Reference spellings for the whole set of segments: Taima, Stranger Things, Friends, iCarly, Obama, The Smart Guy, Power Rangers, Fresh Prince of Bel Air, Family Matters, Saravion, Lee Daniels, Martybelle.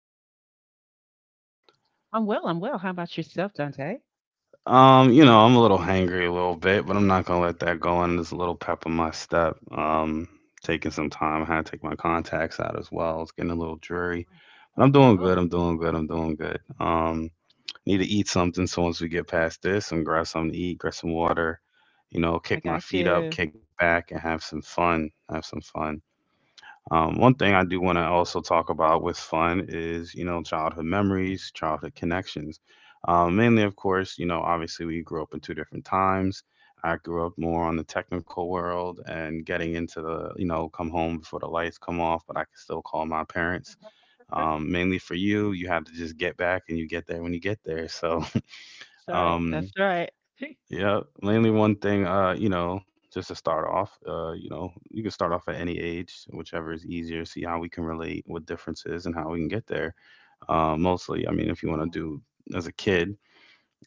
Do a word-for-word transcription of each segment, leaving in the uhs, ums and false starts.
Miss Tracy. hmm How you doing? I'm well. I'm well. How about yourself, Dante? Um, you know, I'm a little hangry a little bit, but I'm not gonna let that go on. There's a little pep in my step. Um, taking some time. I had to take my contacts out as well. It's getting a little dreary, but I'm doing Oh, good. I'm doing good. I'm doing good. Um, need to eat something. So once we get past this, and grab something to eat, grab some water. You know, kick I my got feet up, you. kick back, and have some fun. Have some fun. Um, one thing I do want to also talk about with fun is, you know, childhood memories, childhood connections. Um, mainly, of course, you know, obviously we grew up in two different times. I grew up more on the technical world and getting into the, you know, come home before the lights come off, but I can still call my parents. Um, mainly for you, you have to just get back and you get there when you get there. So, That's right. um, That's right. yeah, mainly one thing, uh, you know, just to start off, uh, you know, you can start off at any age, whichever is easier, see how we can relate, what differences, and how we can get there. Uh, mostly, I mean, if you want to Um, do as a kid,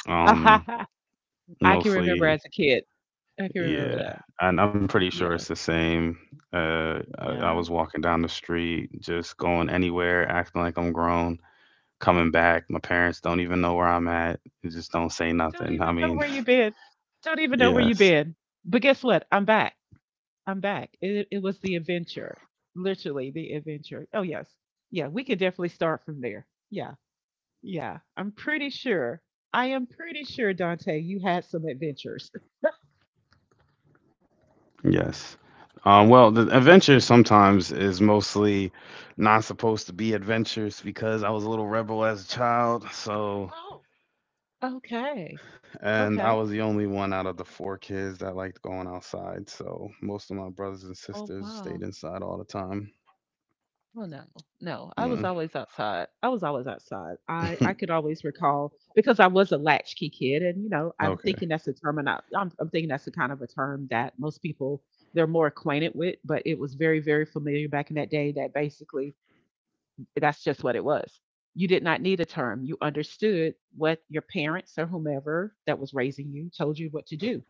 um, I can remember mostly, as a kid. I can remember yeah. that. And I'm pretty sure it's the Yeah. same. Uh, I, I Yeah. was walking down the street, just going anywhere, acting like I'm grown, coming back. My parents don't even know where I'm at. They just don't say Don't nothing. I even know mean, where you've been. Don't even know where you've yes. been. But guess what? I'm back. I'm back. It it was the adventure. Literally the adventure. Oh yes. Yeah, we could definitely start from there. Yeah. Yeah. I'm pretty sure. I am pretty sure, Dante, you had some adventures. That's- Yes. Um, well, the adventure sometimes is mostly not supposed to be adventures because I was a little rebel as a child. So, oh, okay. and I Okay. was the only one out of the four kids that liked going outside. So, most of my brothers and Oh sisters stayed wow. inside all the time. Oh no, no. I was Mm. always outside. I was always outside. I I could always recall because I was a latchkey kid, and you know, I'm Okay. thinking that's a term, and I- I'm I'm thinking that's the kind of a term that most people they're more acquainted with, but it was very very familiar back in that day. That basically that's just what it was. You did not need a term. You understood what your parents or whomever that was raising you told you what to do.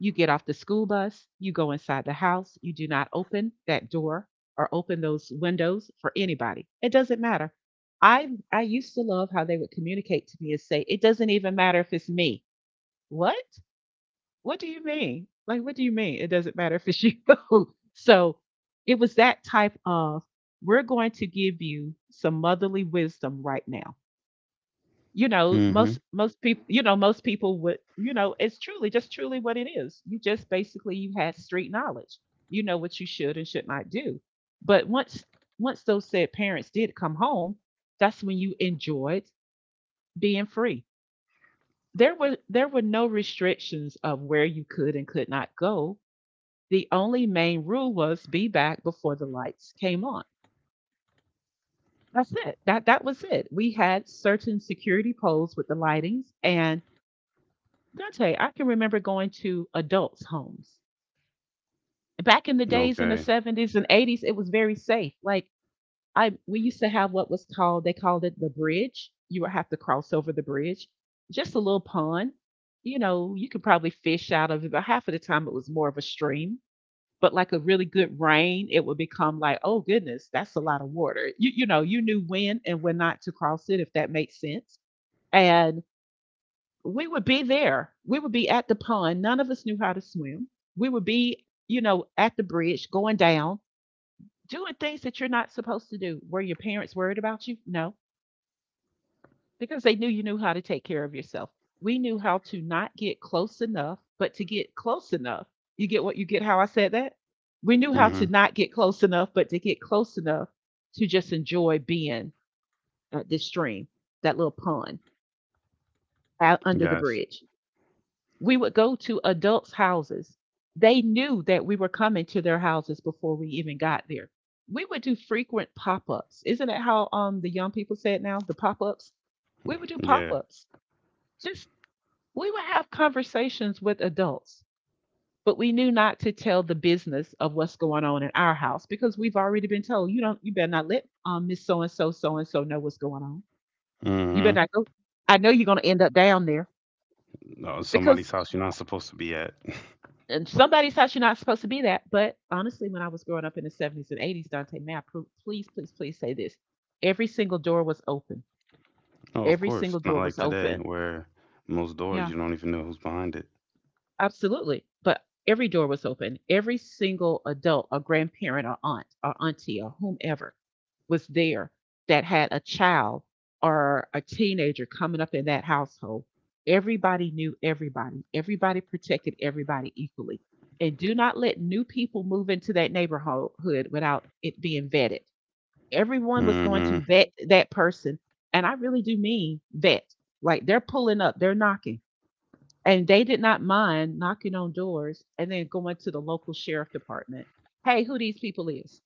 You get off the school bus, you go inside the house, you do not open that door or open those windows for anybody. It doesn't matter. I I used to love how they would communicate to me and say, it doesn't even matter if it's me. What? What do you mean? Like, what do you mean? It doesn't matter if it's you. So it was that type of, we're going to give you some motherly wisdom right now. You know, most Hmm. most people, you know, most people would, you know, it's truly just truly what it is. You just basically you had street knowledge. You know what you should and should not do. But once once those said parents did come home, that's when you enjoyed being free. There were there were no restrictions of where you could and could not go. The only main rule was be back before the lights came on. That's it. That that was it. We had certain security poles with the lightings, and Dante, I can remember going to adults' homes. Back in the days in the Okay. seventies and eighties, it was very safe. Like I we used to have what was called they called it the bridge. You would have to cross over the bridge. Just a little pond. You know, you could probably fish out of it, but half of the time it was more of a stream, but like a really good rain, it would become like, oh goodness, that's a lot of water. You you know, you knew when and when not to cross it, if that makes sense. And we would be there. We would be at the pond. None of us knew how to swim. We would be, you know, at the bridge going down, doing things that you're not supposed to do. Were your parents worried about you? No, because they knew you knew how to take care of yourself. We knew how to not get close enough, but to get close enough. You get what you get how I said that? We knew how Hmm. to not get close enough, but to get close enough to just enjoy being at this stream, that little pond out under the Yes. bridge. We would go to adults' houses. They knew that we were coming to their houses before we even got there. We would do frequent pop ups. Isn't that how um, the young people say it now? The pop ups? We would do pop Yeah. ups, just we would have conversations with adults, but we knew not to tell the business of what's going on in our house because we've already been told, you don't you better not let um Miss So and so so and so know what's going on. You Hmm. better not go. I know you're gonna end up down there No, somebody's because house you're not supposed to be at. in somebody's house you're not supposed to be that. But honestly, when I was growing up in the seventies and eighties, Dante, may I pro- please, please, please say this: every single door was open. Oh, of Every course. single Not door was like today open. where most doors Yeah. you don't even know who's behind it. Absolutely. But every door was open. Every single adult, a grandparent, or aunt, or auntie, or whomever was there that had a child or a teenager coming up in that household. Everybody knew everybody. Everybody protected everybody equally. And do not let new people move into that neighborhood without it being vetted. Everyone was going Hmm. to vet that person. And I really do mean vet. Like, they're pulling up, they're knocking, and they did not mind knocking on doors and then going to the local sheriff department. Hey, who these people is?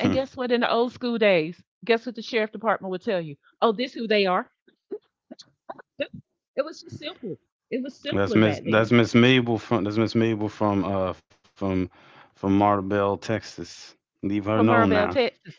And guess what? In the old school days, guess what the sheriff department would tell you? Oh, this who they are. It was just simple. It was That's simpler Miss. back That's then. Miss Mabel from. That's Miss Mabel from. Uh, from, from Martybelle, Texas. Leave her From known Maribel, now. Texas.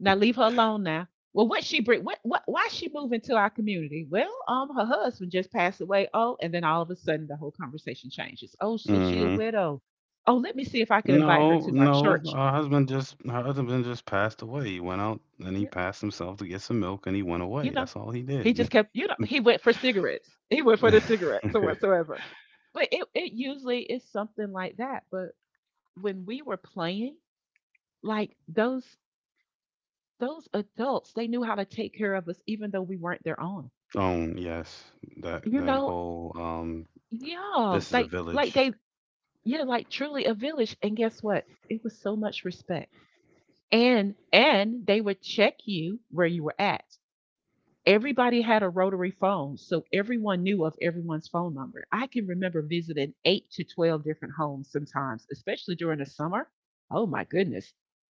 Now leave her alone now. Well, what she bring? What? What? Why she moving to our community? Well, um, her husband just passed away. Oh, and then all of a sudden the whole conversation changes. Oh, so she a Hmm. widow. Oh, let me see if I can invite her No, to my no. church. Her husband just. Her husband just passed away. He went out and he Yeah, passed himself to get some milk and he went You away. know, That's all he he did. just kept, you know, he went for cigarettes. He went for the cigarettes or whatsoever. But it, it usually is something like that. But when we were playing, like those those adults, they knew how to take care of us even though we weren't their own. um. Yes. That. You That know, whole. Um. yeah, This is a like like village. they, yeah, like truly a village. And guess what? It was so much respect. And and they would check you where you were at. Everybody had a rotary phone, so everyone knew of everyone's phone number. I can remember visiting eight to twelve different homes sometimes, especially during the summer. Oh my goodness.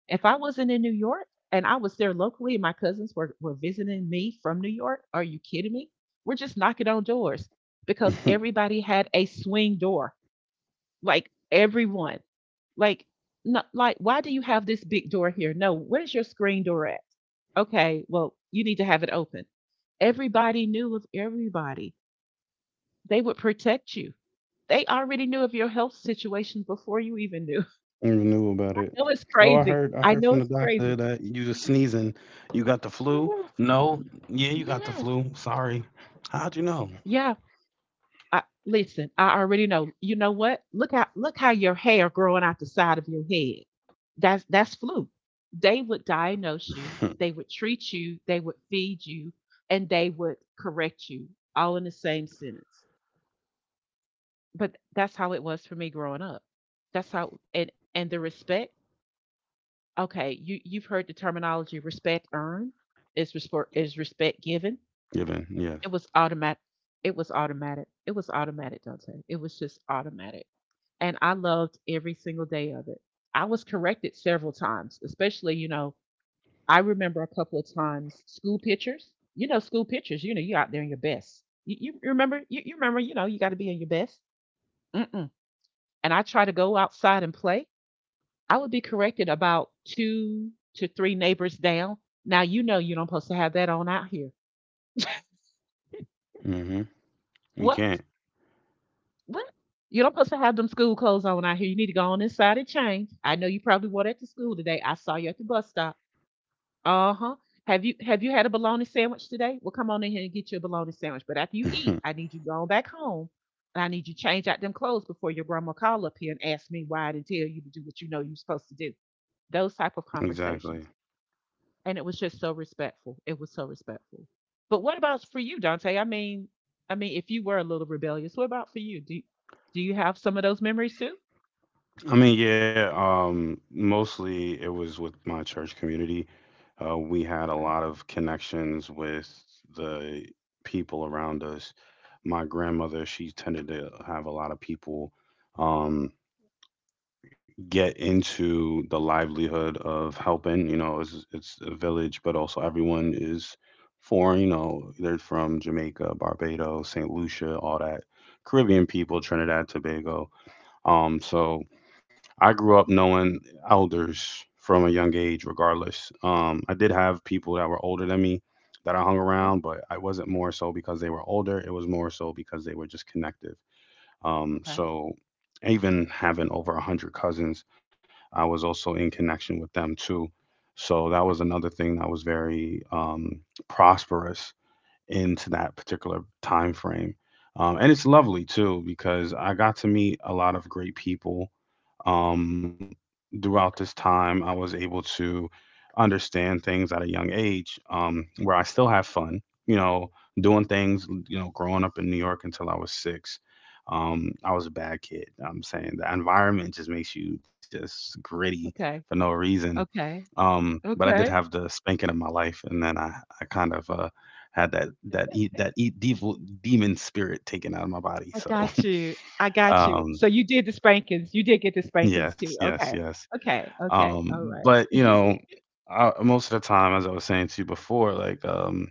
If I wasn't in New York and I was there locally and my cousins were, were visiting me from New York, are you kidding me? We're just knocking on doors because everybody had a swing door. Like everyone. Like, not, like, why do you have this big door here? No, where's your screen door at? Okay, well, you need to have it open. Everybody knew of everybody. They would protect you. They already knew of your health situation before you even knew. I I even knew about it. know Oh, it's I heard. I crazy. heard from the I know it's doctor crazy. that you was sneezing. You got the flu? Yes, No. Yeah, you got the yes, flu. Sorry. How'd you know? yeah. I, listen, I already know. You know what? Look how look how your hair growing out the side of your head. That's that's flu. They would diagnose you. They would treat you. They would feed you, and they would correct you all in the same sentence. But that's how it was for me growing up. That's how. And and the respect. Okay, you you've heard the terminology respect earned is respect is respect given. Given. Yes. It was automatic. It was automatic. It was automatic, Dante. It was just automatic, and I loved every single day of it. I was corrected several times, especially you know I remember a couple of times school pictures. You know school pictures. You know you out there in your best. You, you remember you, you remember you know you got to be in your best. Mm-mm. And I try to go outside and play. I would be corrected about two to three neighbors down. Now you know you don't supposed to have that on out here. Mm-hmm. You What? can't. What? You don't supposed to have them school clothes on out here. You need to go on inside and change. I know you probably wore that to school today. I saw you at the bus stop. Uh huh. Have you have you had a bologna sandwich today? Well, come on in here and get you a bologna sandwich. But after you eat, I need you going back home, and I need you to change out them clothes before your grandma call up here and ask me why I didn't tell you to do what you know you're supposed to do. Those type of Exactly. conversations. And it was just so respectful. It was so respectful. But what about for you, Dante? I mean, I mean, if you were a little rebellious, what about for you? Do do you have some of those memories too? I mean, yeah. Um, mostly it was with my church community. Uh, we had a Okay. lot of connections with the people around us. My grandmother, she tended to have a lot of people. Um. Get into the livelihood of helping. You know, it's it's a village, but also everyone is foreign. You know, they're from Jamaica, Barbados, Saint Lucia, all that Caribbean people, Trinidad, Tobago. Um, so I grew up knowing elders from a young age, regardless. Um, I did have people that were older than me that I hung Mhm. around, but I wasn't more so because they were older. It was more so because they were just connected. Um, Okay. so even having over a hundred cousins, I was also in connection with them too. So that was another thing that was very um, prosperous into that particular time frame. Um, and it's lovely too because I got to meet a lot of great people um, throughout this time, I was able to understand things at a young age um, where I still have fun, you know, doing things, you know, growing up in New York until I was six. Um, I was a bad kid. I'm saying the environment just makes you just gritty for Okay. no reason. Okay. Um, but I did Okay. have the spanking of my life, and then I, I kind of uh, had that that e- that e- devil demon spirit taken out of my body. I So got you. I got you. um, So you did the spankings. You did get the spankings yes, too. yes, Okay. yes. Okay. Okay. Um, All right. but you know, I, most of the time, as I was saying to you before, like um,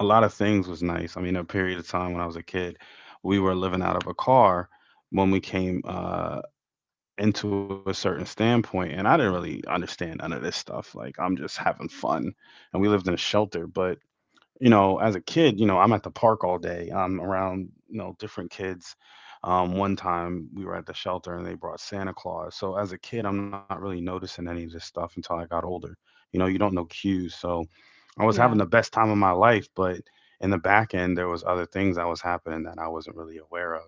a lot of things was nice. I mean, a period of time when I was a kid, we were living out of a car when we came uh, into a certain standpoint, and I didn't really understand none of this stuff. Like I'm just having fun, and we lived in a shelter, but you know, as a kid, you know, I'm at the park all day. I'm around, you know, different kids. Um, one time we were at the shelter and they brought Santa Claus. So as a kid, I'm not really noticing any of this stuff until I got older. You know, you don't know cues. So I was having the Yeah. best time of my life, but in the back end, there was other things that was happening that I wasn't really aware of.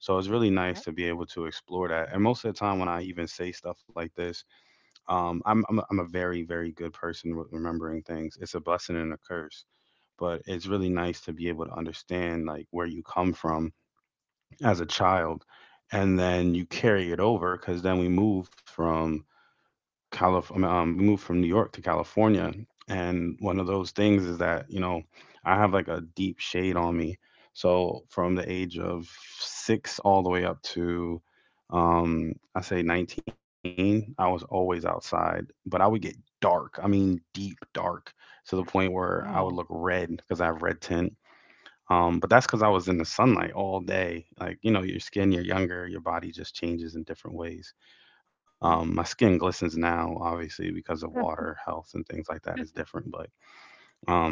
So it's really Okay. nice to be able to explore that. And most of the time, when I even say stuff like this, um, I'm I'm a, I'm a very very good person with remembering things. It's a blessing and a curse, but it's really nice to be able to understand like where you come from as a child, and then you carry it over because then we move from Calif- I mean, um, we moved from New York to California, and one of those things is that you know I have like a deep shade on me. So from the age of six all the way up to, um, I say nineteen, I was always outside, but I would get dark. I mean, deep dark to the point where I would Wow. look red because I have red tint. Um, but that's because I was in the sunlight all day. Like you know, your skin, you're younger, your body just changes in different ways. Um, Wow. my skin glistens now, obviously, because of water, health, and things like that is different. But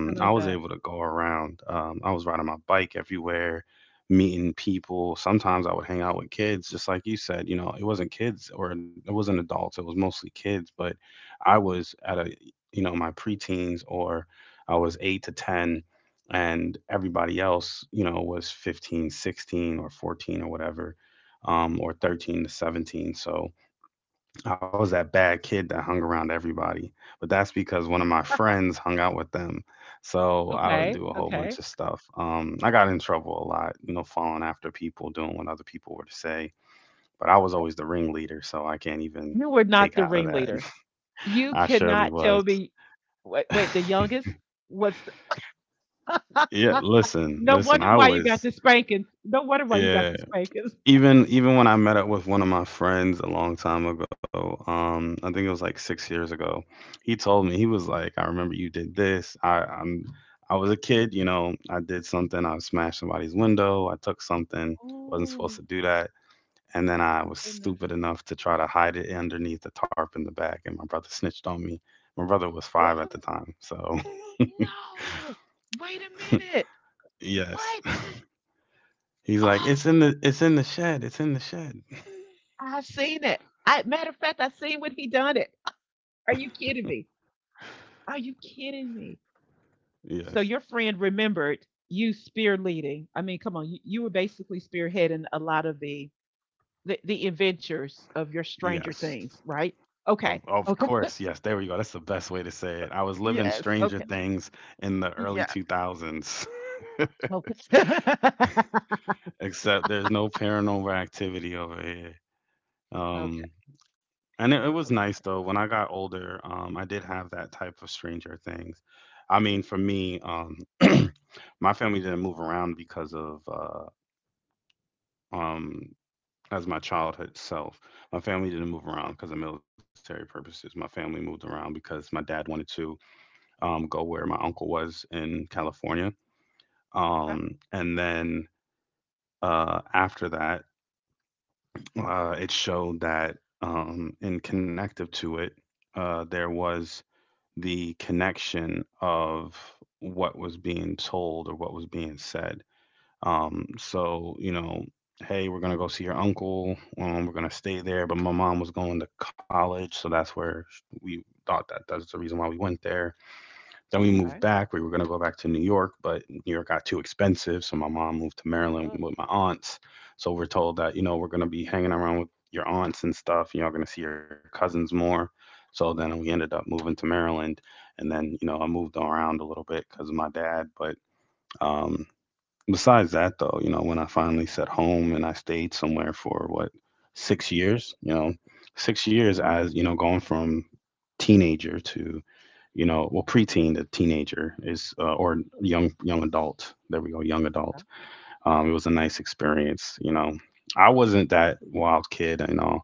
I love I was that. able to go around. Um, I was riding my bike everywhere, meeting people. Sometimes I would hang out with kids, just like you said. You know, it wasn't kids or it wasn't adults. It was mostly kids. But I was at a, you know, my preteens or I was eight to ten and everybody else, you know, was fifteen, sixteen, or fourteen or whatever um, or thirteen to seventeen. So I was that bad kid that hung around everybody, but that's because one of my friends hung out with them. So I would Okay. do a whole Okay. bunch of stuff. Um, I got in trouble a lot, you know, following after people, doing what other people were to say. But I was always the ringleader, so I can't even You were take not out the of that. ringleader. I You surely cannot was. tell me, wait, wait, the youngest was Yeah, listen, No listen. wonder I why you got was. the spankings. No wonder why you got Yeah, the spankings. even even when I met up with one of my friends a long time ago, um, I think it was like six years ago, he told me he was like, "I remember you did this. I I'm I was a kid, you know. I did something. I smashed somebody's window. I took something. Wasn't supposed Oh, to do that. And then I oh was goodness. stupid enough to try to hide it underneath the tarp in the back. And my brother snitched on me. My brother was five at Ugh. the time, so No! Wait a minute. yes, What? he's like, "It's in Oh, the it's in the shed. It's in the shed." I seen it. I, matter of fact, I seen when he done it. Are you kidding me? Are you kidding me? So Yes, your friend remembered you spearleading. I mean, come on, you, you were basically spearheading a lot of the the, the adventures of your Stranger yes. Things, right? Of Okay. of Okay. course, yes, there we go. That's the best way to say it. I was living Yes. Stranger Okay. Mm. Things in the early Yeah. two thousands, Okay. except there's no paranormal activity over here. Okay. Um, and it, it was nice Okay. though. When I got older, um, I did have that type of Stranger Things. I mean, for me, um, my family didn't move around because of uh, um, as my childhood self. My family didn't move around because of military purposes. My family moved around because my dad wanted to. um, go where my uncle was in California. Okay. Um, and then uh, after that, uh, it showed that um, in connective to it, uh, there was the connection of what was being told or what was being said. Um, so, you know, hey, we're going to go see your uncle. Um, we're going to stay there. But my mom was going to college. So that's where we thought that that's the reason why we went there. Then we moved Okay. back. We were going to go back to New York, but New York got too expensive. So my mom moved to Uh, Maryland with my aunts. So we're told that, you know, we're going to be hanging around with your aunts and stuff. You're going to see your cousins more. So then we ended up moving to Maryland. And then, you know, I moved around a little bit because of my dad. But um, besides that, though, you know, when I finally set home and I stayed somewhere for what, six years, you know, six years uh-huh, as, you know, going from teenager to, you know, well, preteen, the teenager is, uh, or young young adult. There we go, young yeah. adult. Um, it was a nice experience. You know, I wasn't that wild kid. You know,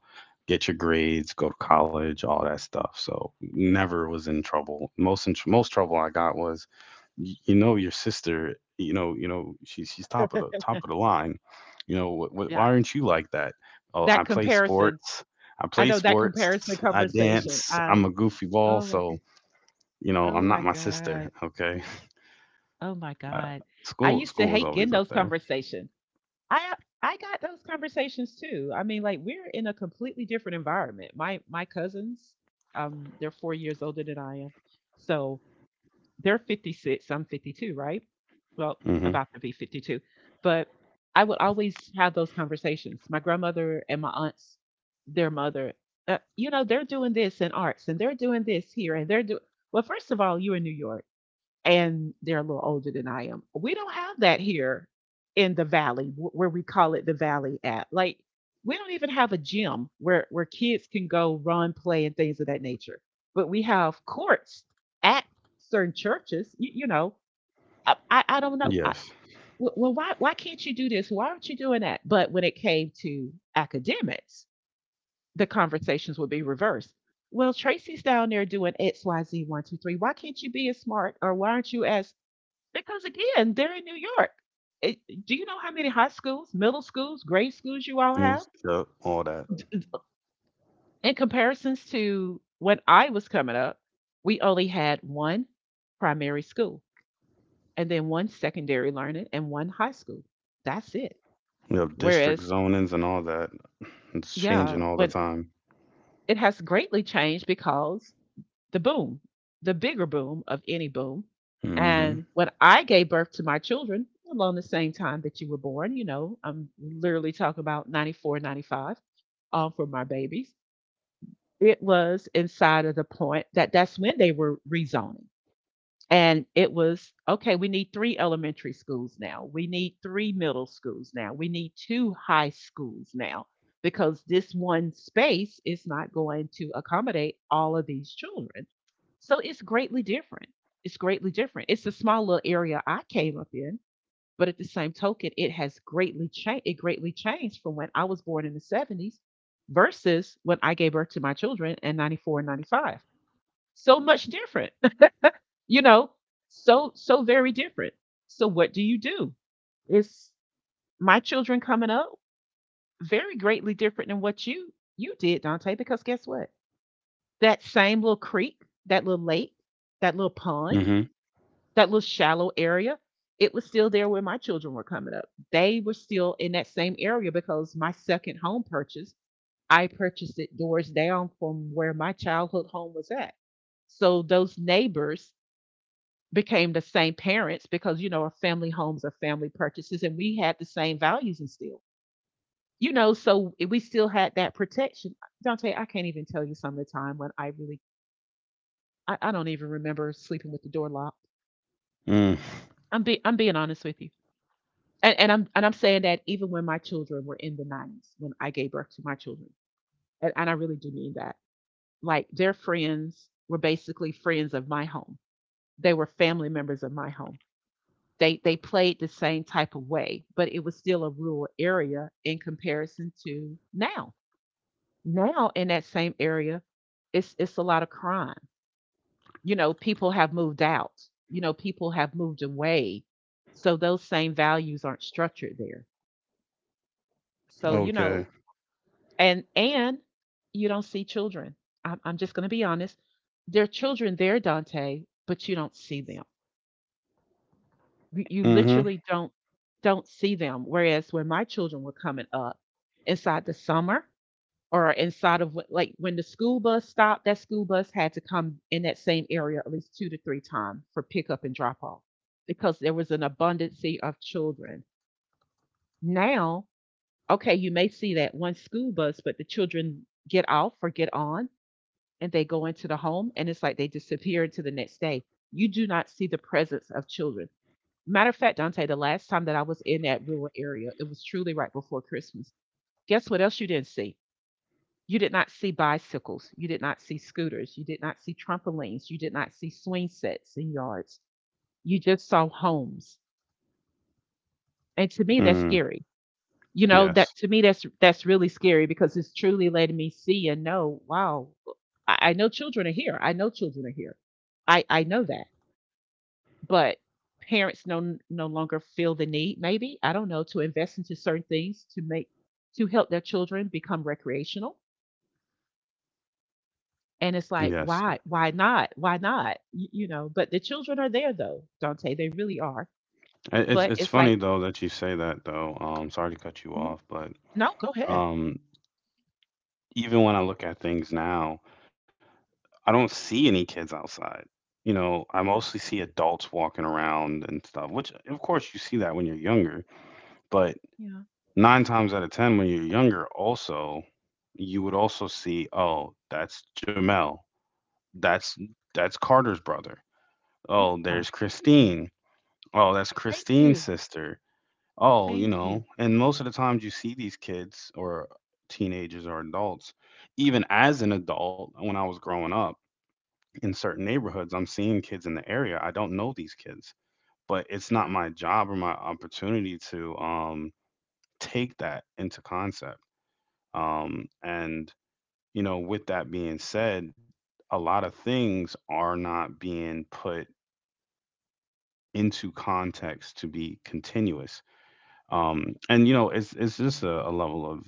get your grades, go to college, all that stuff. So never was in trouble. Most in, most trouble I got was, y- you know, your sister. You know, you know, she's she's top of the Mm. top of the line. You know, wh- wh- why Yeah. aren't you like that? Oh, I that play comparison sports. I I play know that sports. comparison I dance. conversation. I'm a I goofy ball. oh my So g- you know, I'm oh not my my sister. god. Okay, Oh my uh, god. I school used to school was hate always getting up those there. conversations. I I got those conversations too. I mean, like we're in a completely different environment. My my cousins, um, they're four years older than I am, so they're fifty-six. I'm fifty-two, right? Well, Hmm. about to be fifty-two, but I would always have those conversations. My grandmother and my aunts, their mother, uh, you know, they're doing this in arts and they're doing this here and they're doing. Well, first of all, you're in New York, and they're a little older than I am. We don't have that here in the valley, where we call it the valley app. Like, we don't even have a gym where where kids can go run, play, and things of that nature. But we have courts at certain churches. You, you know, I, I I don't know. I, Yes. well, well, why why can't you do this? Why aren't you doing that? But when it came to academics, the conversations would be reversed. Well, Tracy's down there doing X, Y, Z, one, two, three. Why can't you be as smart, or why aren't you as, because again, they're in New York. It, do you know how many high schools, middle schools, grade schools you all have? Moves, yep, all that. D- d- In comparisons to when I was coming up, we only had one primary school, and then one secondary learning and one high school. That's it. We have district Whereas, zonings and all that. It's yeah, changing all the when time. it has greatly changed because the boom, the bigger boom of any boom. Hmm. And when I gave birth to my children, along the same time that you were born, you know, I'm literally talking about ninety-four, ninety-five, all for my babies. It was inside of the point that that's when they were rezoning. And it was okay, we need three elementary schools now. We need three middle schools now. We need two high schools now, because this one space is not going to accommodate all of these children. So it's greatly different. It's greatly different. It's a small little area I came up in, but at the same token, it has greatly changed. It greatly changed from when I was born in the seventies versus when I gave birth to my children in ninety-four and ninety-five. So much different, you know so so very different. So what do you do? It's my children coming up very greatly different than what you you did, Dante, because guess what? That same little creek, that little lake, that little pond, Hmm. that little shallow area, it was still there where my children were coming up. They were still in that same area because my second home purchase, I purchased it doors down from where my childhood home was at. So those neighbors became the same parents, because you know our family homes are family purchases, and we had the same values and still, you know so we still had that protection. Dante, I can't even tell you, some of the time when I really, i, I don't even remember sleeping with the door locked. Mm. I'm be, i'm being honest with you. And, and i'm and i'm saying that even when my children were in the nineties, when I gave birth to my children. And, and I really do mean that. Like, their friends were basically friends of my home. They were family members of my home. They they played the same type of way, but it was still a rural area in comparison to now. Now, in that same area, it's it's a lot of crime. You know, people have moved out. You know, people have moved away. So those same values aren't structured there. So, you know, Okay. and and you don't see children. I'm, I'm just going to be honest. There are children there, Dante, but you don't see them. you you Hmm. literally don't don't see them. Whereas, when my children were coming up inside the summer, or inside of what- like when the school bus stopped, that school bus had to come in that same area at least two to three times for pickup and drop off, because there was an abundance of children. Now, okay, you may see that one school bus, but the children get off or get on, and they go into the home, and it's like they disappear into the next day. You do not see the presence of children. Matter of fact, Dante, the last time that I was in that rural area, it was truly right before Christmas. Guess what else you didn't see? You did not see bicycles. You did not see scooters. You did not see trampolines. You did not see swing sets in yards. You just saw homes. And to me, that's Mm. scary. You know, Yes. That to me, that's that's really scary, because it's truly letting me see and know, wow, I, I know children are here. I know children are here. I, I know that. But parents no no longer feel the need, maybe, I don't know, to invest into certain things to make to help their children become recreational. And it's like, Yes. why? Why not? Why not? You, you know, but the children are there though, Dante. They really are. I- It's But it's it's funny like, though that you say that though. Um, sorry to cut you "N- off, but no, go ahead." um, even when I look at things now, I don't see any kids outside. You know, I Yeah. mostly see adults walking around and stuff, which of course you see that when you're younger, but Yeah. nine times out of ten, when you're younger, also, you would also see, oh, that's Jamel. That's that's Carter's brother. Oh, Yeah. there's Christine. Oh, that's Thank Christine's you. sister. Oh, you Thank you. know, and most of the times you see these kids or teenagers or adults, even as an adult, when I was growing up, in certain neighborhoods. I'm seeing kids in the area. I don't know these kids, but it's not Right. my job or my opportunity to um, take that into concept. Um, and, you know, with that being said, a lot of things are not being put into context to be continuous. Um, and, you know, it's, it's just a, a level of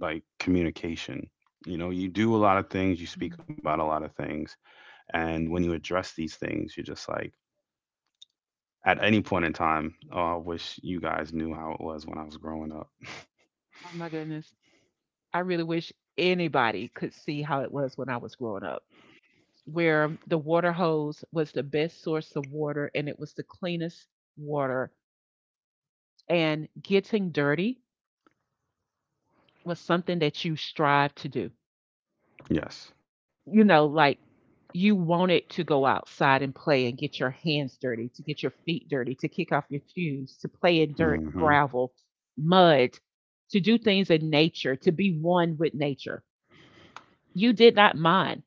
like communication. You know, you do a lot of things, you speak Mm. about a lot of things. And when you address these things, you're just like, at any point in time. Oh, I wish you guys knew how it was when I was growing up. Oh my goodness. I really wish anybody could see how it was when I was growing up, where the water hose was the best source of water, and it was the cleanest water. And getting dirty was something that you strive to do. Yes. You know, like, you wanted to go outside and play and get your hands dirty, to get your feet dirty, to kick off your shoes, to play in dirt, Mm-hmm. gravel, mud, to do things in nature, to be one with nature. You did not mind.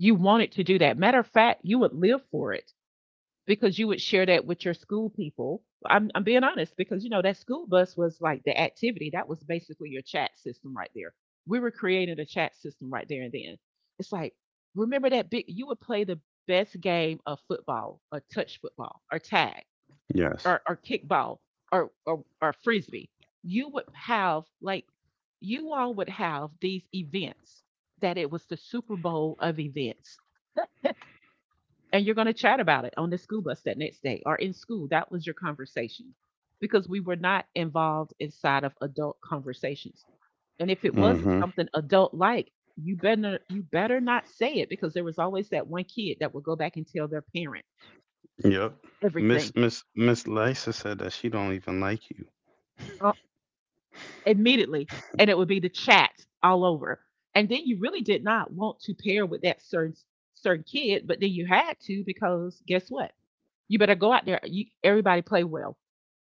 You wanted to do that. Matter of fact, you would live for it, because you would share that with your school people. I'm, I'm being honest, because you know that school bus was like the activity that was basically your chat system right there. We were creating a chat system right there and then. It's like, remember? That big You would play the best game of football, a touch football, or tag, Yes. or or kickball, or or, or frisbee. You would have like you all would have these events, that it was the Super Bowl of events, and you're going to chat about it on the school bus that next day or in school. That was your conversation, because we were not involved inside of adult conversations. And if it was Mm-hmm. something adult like, you better you better not say it, because there was always that one kid that would go back and tell their parent Yep. everything. Miss Miss Miss Lisa said that she don't even like you. uh, Immediately, and it would be the chat all over. And then you really did not want to pair with that certain certain kid, but then you had to, because guess what? You better go out there. You, everybody play well.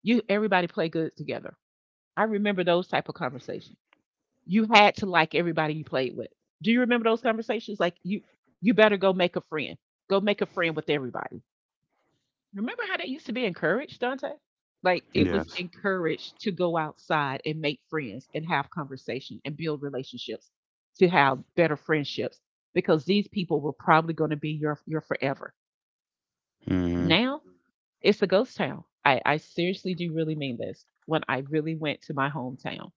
You Everybody play good together. I remember those type of conversations. You had to like everybody you played with. Do you remember those conversations? Like, you you better go make a friend. Go make a friend with everybody. Remember how that used to be encouraged, Dante? Like, it was Yes. encouraged to go outside and make friends and have conversation and build relationships, to have better friendships, because these people were probably going to be your your forever. Mm-hmm. Now, it's a ghost town. I, I seriously do really mean this. When I really went to my hometown,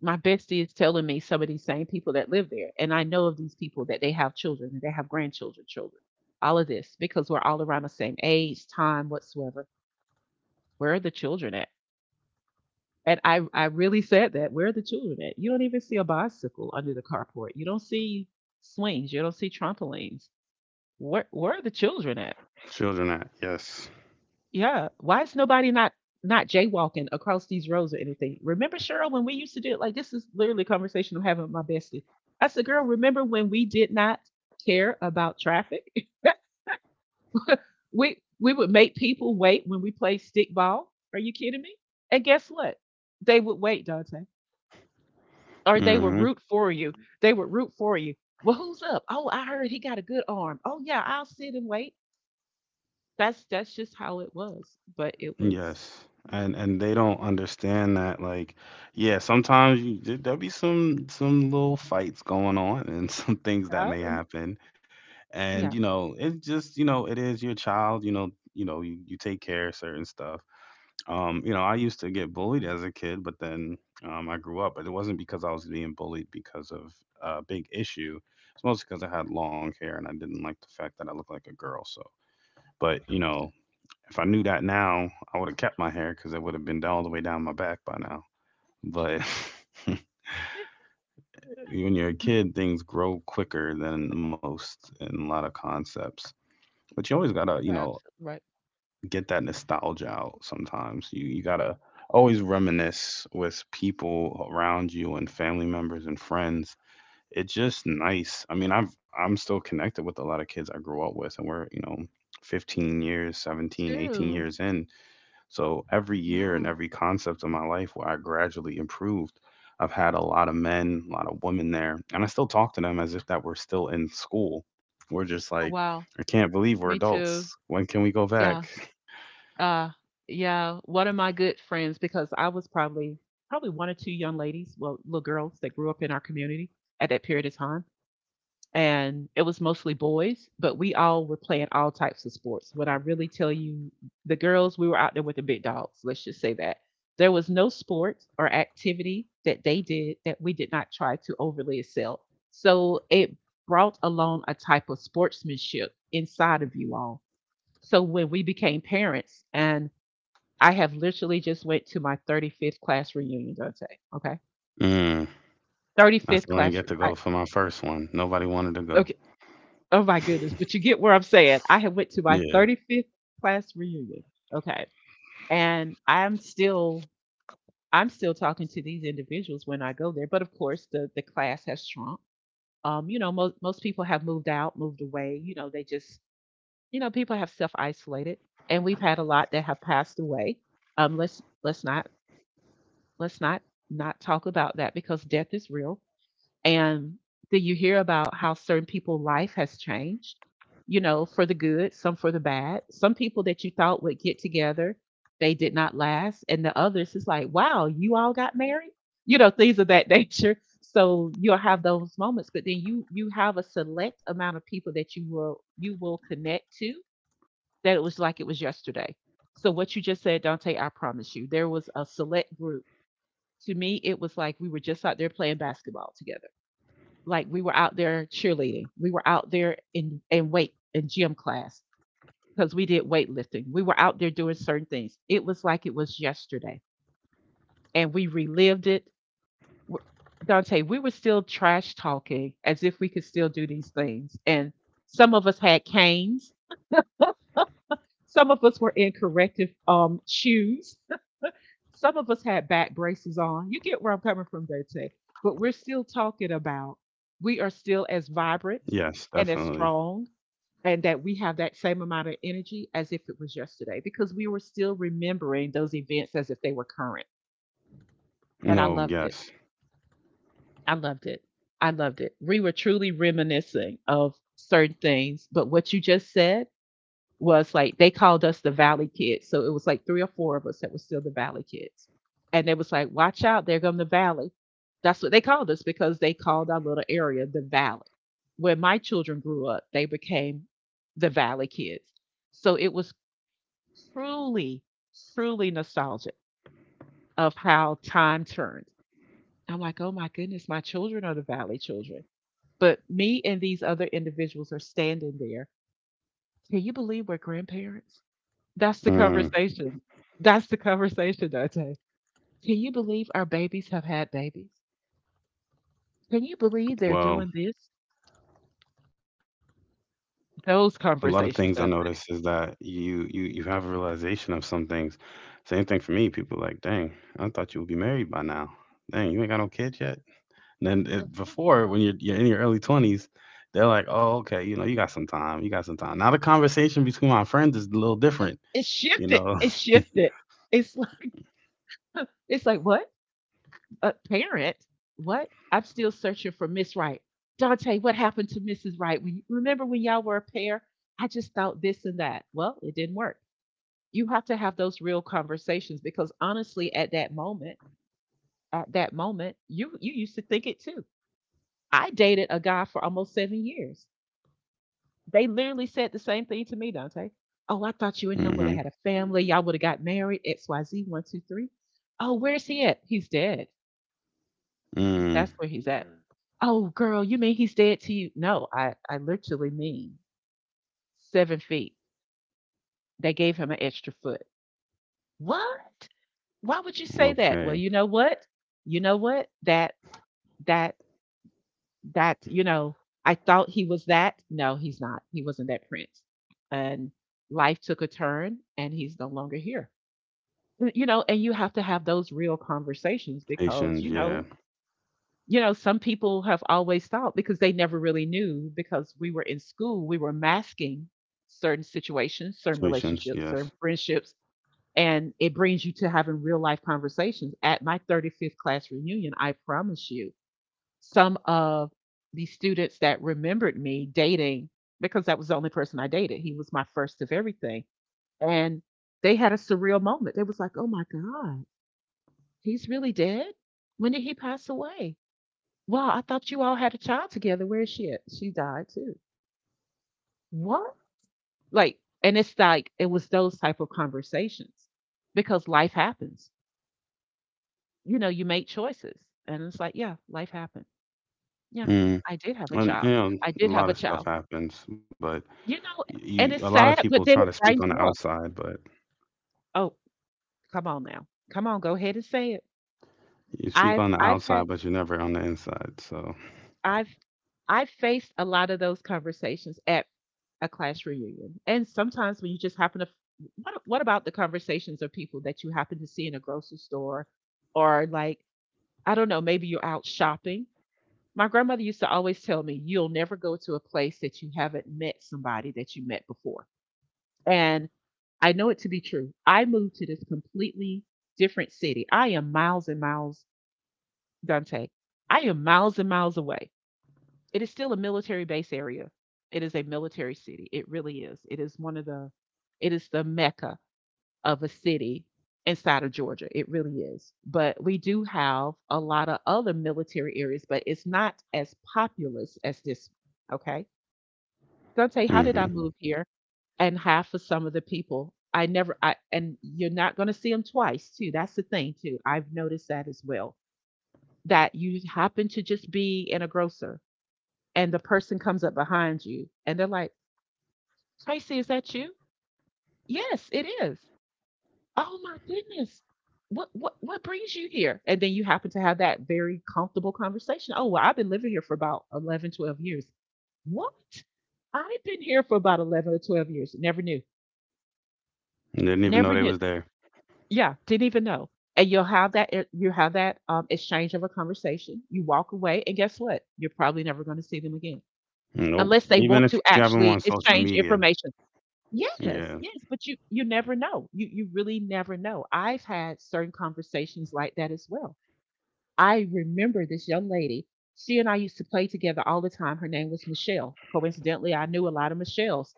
my bestie is telling me some of these same people that live there. And I know of these people, that they have children and they have grandchildren, children, all of this, because we're all around the same age, time, whatsoever. Where are the children at? And I, I really said that. Where are the children at? You don't even see a bicycle under the carport. You don't see swings. You don't see trampolines. Where, where are the children at? Children act. Yes. Yeah. Why is nobody not not jaywalking across these roads or anything? Remember, Cheryl, when we used to do it? Like, this is literally a conversation I'm having with my bestie. I said, girl, remember when we did not care about traffic? we we would make people wait when we played stickball. Are you kidding me? And guess what? They would wait, Dante. Or they would Mm-hmm. root for you. They would root for you. Well, who's up? Oh, I heard he got a good arm. Oh yeah, I'll sit and wait. That's that's just how it was. But it was, Yes. And and they don't understand that. Like, yeah, sometimes you, there- there'll be some some little fights going on and some things that uh, may happen. And you yeah. know it's just, you know, it is your child, you know, you know you, you take care of certain stuff. um you know, I used to get bullied as a kid, but then um I grew up, but it wasn't because I was being bullied because of a big issue. It's mostly because I had long hair and I didn't like the fact that I looked like a girl. So but you know, if I knew that now, I would have kept my hair because it would have been down all the way down my back by now. But when you're a kid, things grow quicker than most in a lot of concepts. But you always gotta, you You're know, absolutely right. get that nostalgia out sometimes. You you gotta always reminisce with people around you and family members and friends. It's just nice. I mean, I've I'm still connected with a lot of kids I grew up with, and we're, you know, fifteen years, Me seventeen, eighteen too. years in. So every year and Yeah. every concept of my life where I gradually improved, I've had a lot of men, a lot of women there. And I still talk to them as if that we're still in school. We're just like, Oh, wow. I can't believe we're Me adults. too. When can we go back? Yeah. Uh, yeah. One of my good friends, because I was probably probably one or two young ladies, well, little girls that grew up in our community at that period of time, and it was mostly boys, but we all were playing all types of sports. When I really tell you, the girls, we were out there with the big dogs, let's just say that. There was no sport or activity that they did that we did not try to overly excel. So it brought along a type of sportsmanship inside of you all. So when we became parents, and I have literally just went to my thirty-fifth class reunion, Dante. Okay, I thirty-fifth still ain't class. get Re- to I, go for my first one. Nobody wanted to go. okay. Oh my goodness. But you get where I'm saying. I had went to my Yeah. thirty-fifth class reunion. Okay. And I'm still I'm still talking to these individuals when I go there. But of course the the class has shrunk. Um, you know, most most people have moved out, moved away. You know, they just you know, people have self isolated, and we've had a lot that have passed away. Um, let's let's not let's not not talk about that because death is real. And then you hear about how certain people's life has changed, you know, for the good, some for the bad. Some people that you thought would get together, they did not last. And the others, it's like, wow, you all got married? You know, things of that nature. So you'll have those moments, but then you you have a select amount of people that you will you will connect to, that it was like it was yesterday. So what you just said, Dante, I promise you, there was a select group. To me, it was like we were just out there playing basketball together, like we were out there cheerleading, we were out there in in weight in gym class because we did weightlifting, we were out there doing certain things. It was like it was yesterday and we relived it. Dante, we were still trash talking as if we could still do these things, and some of us had canes, some of us were in corrective um shoes, some of us had back braces on. You get where I'm coming from, Dante? But we're still talking about, we are still as vibrant Yes, and as definitely. strong, and that we have that same amount of energy as if it was yesterday because we were still remembering those events as if they were current. And I No, loved it. yes. I loved it. I loved it. We were truly reminiscing of certain things. But what you just said was like they called us the Valley Kids. So it was like three or four of us that were still the Valley Kids. And it was like, watch out, there come the Valley. That's what they called us because they called our little area the Valley. When my children grew up, they became the Valley Kids. So it was truly, truly nostalgic of how time turned. I'm like, oh my goodness, my children are the Valley children. But me and these other individuals are standing there. Can you believe we're grandparents? That's the Mm. conversation. That's the conversation, Dante. Can you believe our babies have had babies? Can you believe they're Well, doing this? a Those lot of things I conversations, notice Dante. is that you you you have a realization of some things. Same thing for me. People like, dang, I thought you would be married by now. Dang, you ain't got no kids yet. And then it, before, when you're you're in your early twenties, they're like, oh, okay, you know, you got some time. You got some time. Now the conversation between my friends is a little different. It You shifted. know. It shifted. It's like, it's like what? A parent. What? I'm still searching for Miss Wright. Dante, what happened to missus Wright? When, remember when y'all were a pair? I just thought this and that. Well, it didn't work. You have to have those real conversations because honestly, at that moment, at that moment, you you used to think it too. I dated a guy for almost seven years. They literally said the same thing to me, Dante. Oh, I thought you and him would Mm-hmm. have had a family. Y'all would have got married. X, Y, Z, one, two, three. Oh, where's he at? He's dead. Mm, That's where he's at. Mm. Oh, girl, you mean he's dead to you? No, I, I literally mean seven feet. They gave him an extra foot. What? Why would you say that? Well, okay. you know what? You know what? That, that, that, you know, I thought he was that. No, he's not. He wasn't that prince. And life took a turn and he's no longer here. You know, and you have to have those real conversations because, Patience. you Yeah. know, you know, some people have always thought, because they never really knew because we were in school, we were masking certain situations, certain Situations, relationships, yes. certain friendships. And it brings you to having real life conversations. At my thirty-fifth class reunion, I promise you, some of the students that remembered me dating, because that was the only person I dated, he was my first of everything. And they had a surreal moment. They was like, oh my God, he's really dead? When did he pass away? Well, I thought you all had a child together. Where is she at? She died too. What? Like, and it's like it was those type of conversations because life happens. You know, you make choices, and it's like, yeah, life happened. Yeah, Mm. I did have a And child. you know, I a did have lot a of stuff child. happens, but You know, you, a and lot it's of people sad, try but to then it speak on the brightens you up. outside, but Oh, come on now, come on, go ahead and say it. you speak I've on the I've had outside, but you're never on the inside. So I've I faced a lot of those conversations at a class reunion. And sometimes when you just happen to what what about the conversations of people that you happen to see in a grocery store, or like, I don't know, maybe you're out shopping. My grandmother used to always tell me, you'll never go to a place that you haven't met somebody that you met before. And I know it to be true. I moved to this completely different city. I am miles and miles, Dante. I am miles and miles away. It is still a military base area. It is a military city. It really is. It is one of the it is the mecca of a city inside of Georgia. It really is. But we do have a lot of other military areas, but it's not as populous as this. Okay. Dante, how hmm. did I move here? And half of some of the people I never I and you're not gonna see them twice too. That's the thing too. I've noticed that as well. That you happen to just be in a grocer and the person comes up behind you and they're like, Tracy, is that you? Yes, it is. Oh my goodness. What what what brings you here? And then you happen to have that very comfortable conversation. Oh, well, I've been living here for about eleven, twelve years. What? I've been here for about eleven or twelve years. Never knew. Didn't even know they Never was knew. there. Yeah, didn't even know. And you'll have that you have that um, exchange of a conversation. You walk away, and guess what? You're probably never going to see them again Nope. unless they Even want to if you have them on actually social exchange media. information. Yeah. Yes, yes, but you you never know. You you really never know. I've had certain conversations like that as well. I remember this young lady. She and I used to play together all the time. Her name was Michelle. Coincidentally, I knew a lot of Michelle's.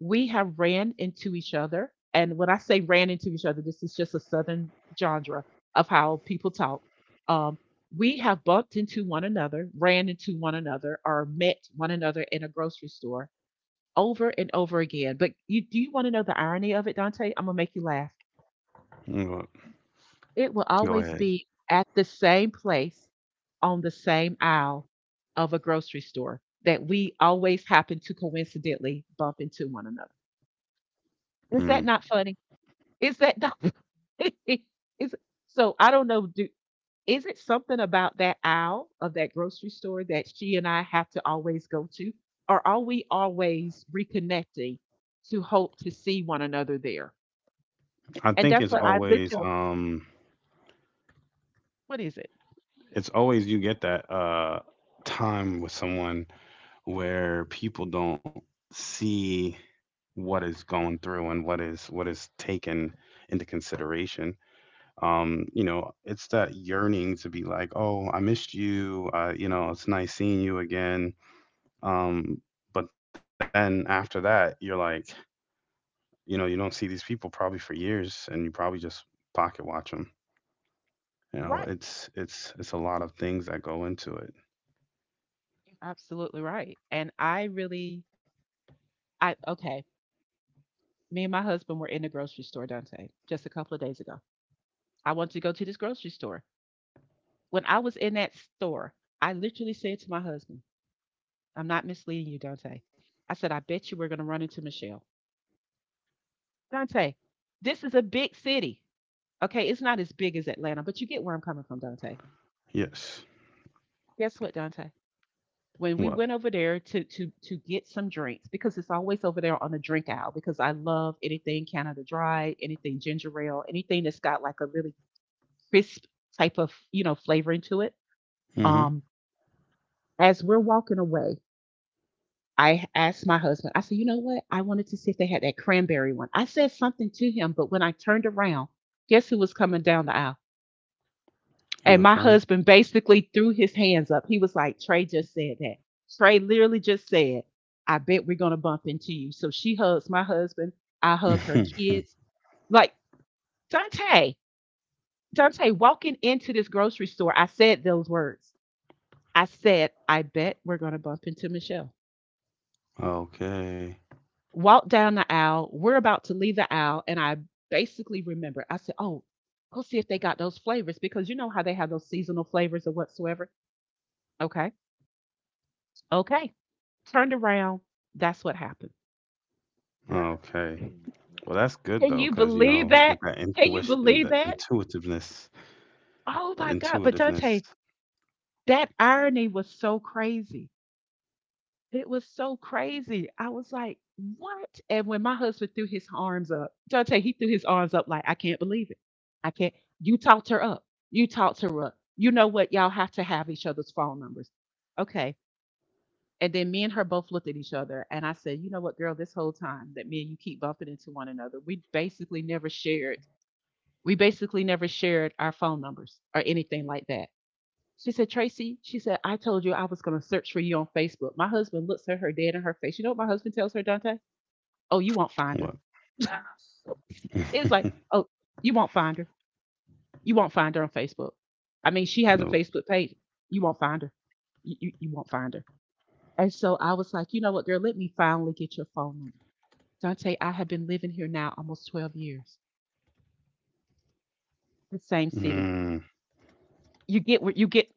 We have ran into each other, and when I say ran into each other, this is just a southern genre of how people talk. Um, we have bumped into one another, ran into one another, or met one another in a grocery store over and over again. But you do you want to know the irony of it, Dante? I'm gonna make you laugh. Mm, go It will go always ahead. be at the same place on the same aisle of a grocery store that we always happen to coincidentally bump into one another. Is Mm. that not funny? Is that not is so I don't know, do is it something about that aisle of that grocery store that she and I have to always go to? Or are we always reconnecting to hope to see one another there? I And think that's it's what I listen always Oh, um what is it? it's always you get that uh time with someone where people don't see what is going through and what is what is taken into consideration. um you know, it's that yearning to be like, oh, I missed you. uh you know, it's nice seeing you again. um but then after that, you're like, you know, you don't see these people probably for years, and you probably just pocket watch them. You're You right. know, it's it's it's a lot of things that go into it. You're absolutely right. And I really, I okay. Me and my husband were in the grocery store, Dante, just a couple of days ago. I wanted to go to this grocery store. When I was in that store, I literally said to my husband, I'm not misleading you, Dante. I said, I bet you we're going to run into Michelle. Dante, this is a big city. Okay, it's not as big as Atlanta, but you get where I'm coming from, Dante. Yes. Guess what, Dante? When we What? went over there to to to get some drinks because it's always over there on the drink aisle, because I love anything Canada Dry, anything ginger ale, anything that's got like a really crisp type of you know flavoring to it. Mm-hmm. Um, as we're walking away, I asked my husband. I said, "You know what? I wanted to see if they had that cranberry one." I said something to him, but when I turned around, guess who was coming down the aisle? You a And my friend. husband basically threw his hands up. He was like, Trey just said that. Trey literally just said, I bet we're going to bump into you. So she hugs my husband. I hug her kids. Like, Dante, Dante, walking into this grocery store, I said those words. I said, I bet we're going to bump into Michelle. Okay. Walk down the aisle. We're about to leave the aisle. And I basically remembered, I said, oh, go see if they got those flavors because you know how they have those seasonal flavors or whatsoever. Okay. Okay. Turned around. That's what happened. Okay. Can Well, that's good though, you because you believe know, you get that? that Can you intuition, and believe that that? intuitiveness, Oh that my God. But intuitiveness. Dante, that irony was so crazy. It was so crazy. I was like, what? And when my husband threw his arms up, Dante, he threw his arms up like, I can't believe it. I can't. You talked her up. You talked her up. You know what? Y'all have to have each other's phone numbers. Okay. And then me and her both looked at each other, and I said, "You know what, girl? This whole time that me and you keep bumping into one another, we basically never shared. We basically never shared our phone numbers or anything like that." She said, "Tracy," she said, "I told you I was going to search for you on Facebook." My husband looks at her dead in her face. You know what my husband tells her, Dante? "Oh, you won't What? find her." It was like, "Oh, you won't find her. You won't find her on Facebook. I mean, she has a No. Facebook page. You won't find her. You, you, you won't find her." And so I was like, you know what, girl, let me finally get your phone number. Dante, I have been living here now almost twelve years, the same city. Mm. You get where you get,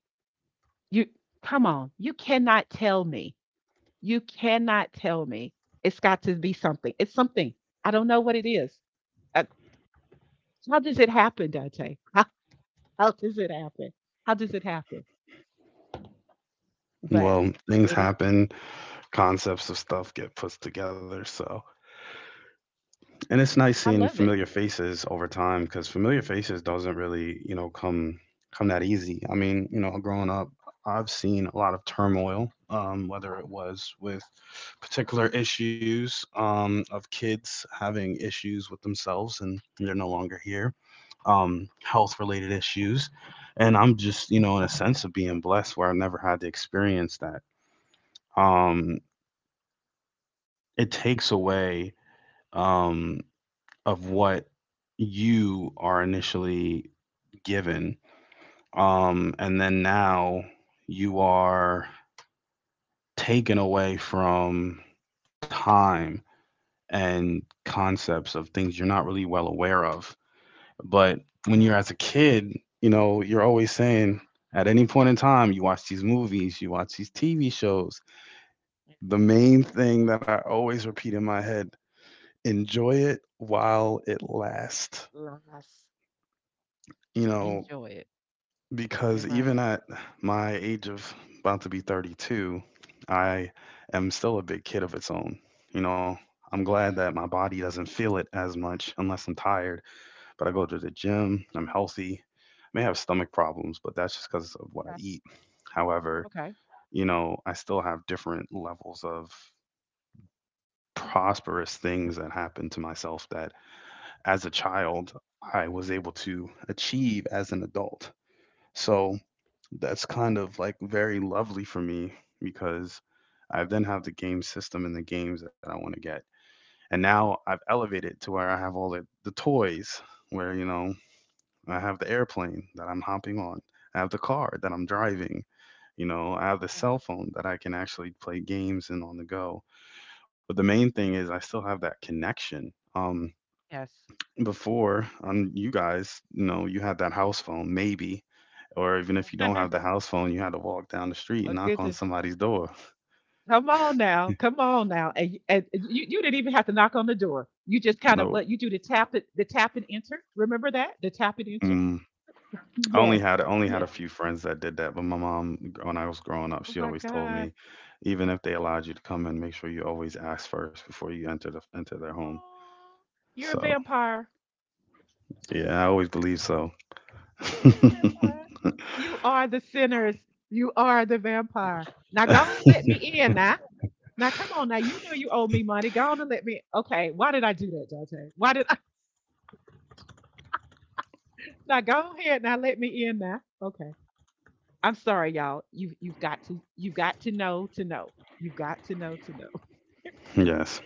you come on, you cannot tell me. You cannot tell me. It's got to be something. It's something. I don't know what it is. Uh, how does it happen, Dante? How, how does it happen? How does it happen? But Well, things it is, happen, concepts of stuff get put together, so. And it's nice I seeing love it. familiar faces over time because familiar faces doesn't really, you know, come come that easy. I mean, you know, growing up, I've seen a lot of turmoil, um, whether it was with particular issues, um, of kids having issues with themselves and they're no longer here, um, health related issues, and I'm just, you know, in a sense of being blessed where I never had to experience that. Um, it takes away. Um, of what you are initially given. Um, and then now you are taken away from time and concepts of things you're not really well aware of. But when you're Right. as a kid, you know, you're always saying, at any point in time, you watch these movies, you watch these T V shows. The main thing that I always repeat in my head, enjoy it while it lasts. Let's You know, enjoy it. You're because right. even at my age of about to be thirty-two, I am still a big kid of its own. You know, I'm glad that my body doesn't feel it as much unless I'm tired, but I go to the gym, I'm healthy. May have stomach problems, but that's just because of what I Okay. eat. However, Okay. you know, I still have different levels of prosperous things that happen to myself that as a child I was able to achieve as an adult. So that's kind of like very lovely for me because I then have the game system and the games that I want to get. And now I've elevated to where I have all the, the toys, where, you know, I have the airplane that I'm hopping on, I have the car that I'm driving, you know, I have the Okay. cell phone that I can actually play games and on the go. But the main thing is I still have that connection. Um, Yes. before on you guys, you know, you had that house phone, maybe, or even if you don't have the house phone, you had to walk down the street Oh and knock on goodness. somebody's door. Come on now. Come on now. And, y- and you, you didn't even have to knock on the door. You just kind of No, what you do to tap it the tap and enter. Remember that? The tap and enter? mm, I only Yes. had only had Yeah. a Um, few friends that did that, but my mom, when I was growing up, Oh she my always told God. me, even if they allowed you to come in, make sure you always ask first before you enter the enter their home. Aw, you're a So vampire. yeah, I always believe so. You're a vampire. You are the sinners. You are the vampire. Now go on and let me in now. Now come on now. You know you owe me money. Go on and let me okay. Why did I do that, Dante? Why did I now go ahead now let me in now? Okay. I'm sorry, y'all. You you've got to you've got to know to know. You've got to know to know. Yes,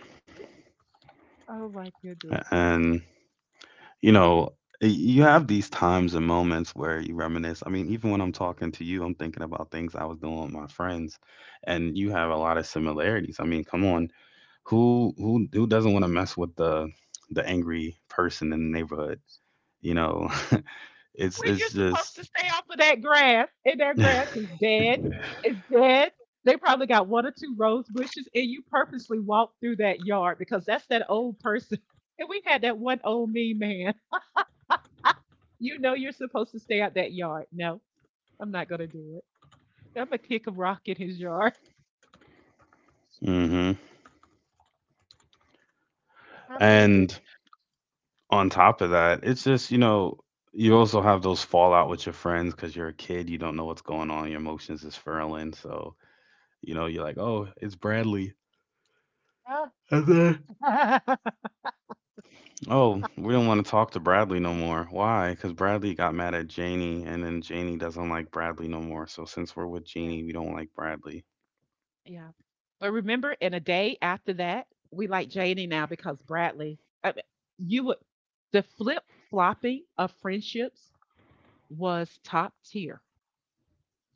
Oh my goodness. and you know, you have these times and moments where you reminisce. I mean, even when I'm talking to you, I'm thinking about things I was doing with my friends, and you have a lot of similarities. I mean, come on, who who who doesn't want to mess with the the angry person in the neighborhood? You know, it's When you're it's supposed just, to stay off of that grass, and that grass is dead. It's dead. They probably got one or two rose bushes, and you purposely walk through that yard because that's that old person. And we had that one old me man. You know you're supposed to stay out that yard. No, I'm not gonna do it. I'm gonna kick a rock in his yard. hmm. I loved it. And on top of that, it's just you know. You also have those fallout with your friends because you're a kid. You don't know what's going on. Your emotions is furling. So, you know, you're like, oh, it's Bradley. Oh, we don't want to talk to Bradley no more. Why? Because Bradley got mad at Janie, and then Janie doesn't like Bradley no more. So since we're with Yeah. Janie, we don't like Bradley. Yeah. But remember, in a day after that, we like Janie now because Bradley, I mean, you would, the flip flopping of friendships was top tier.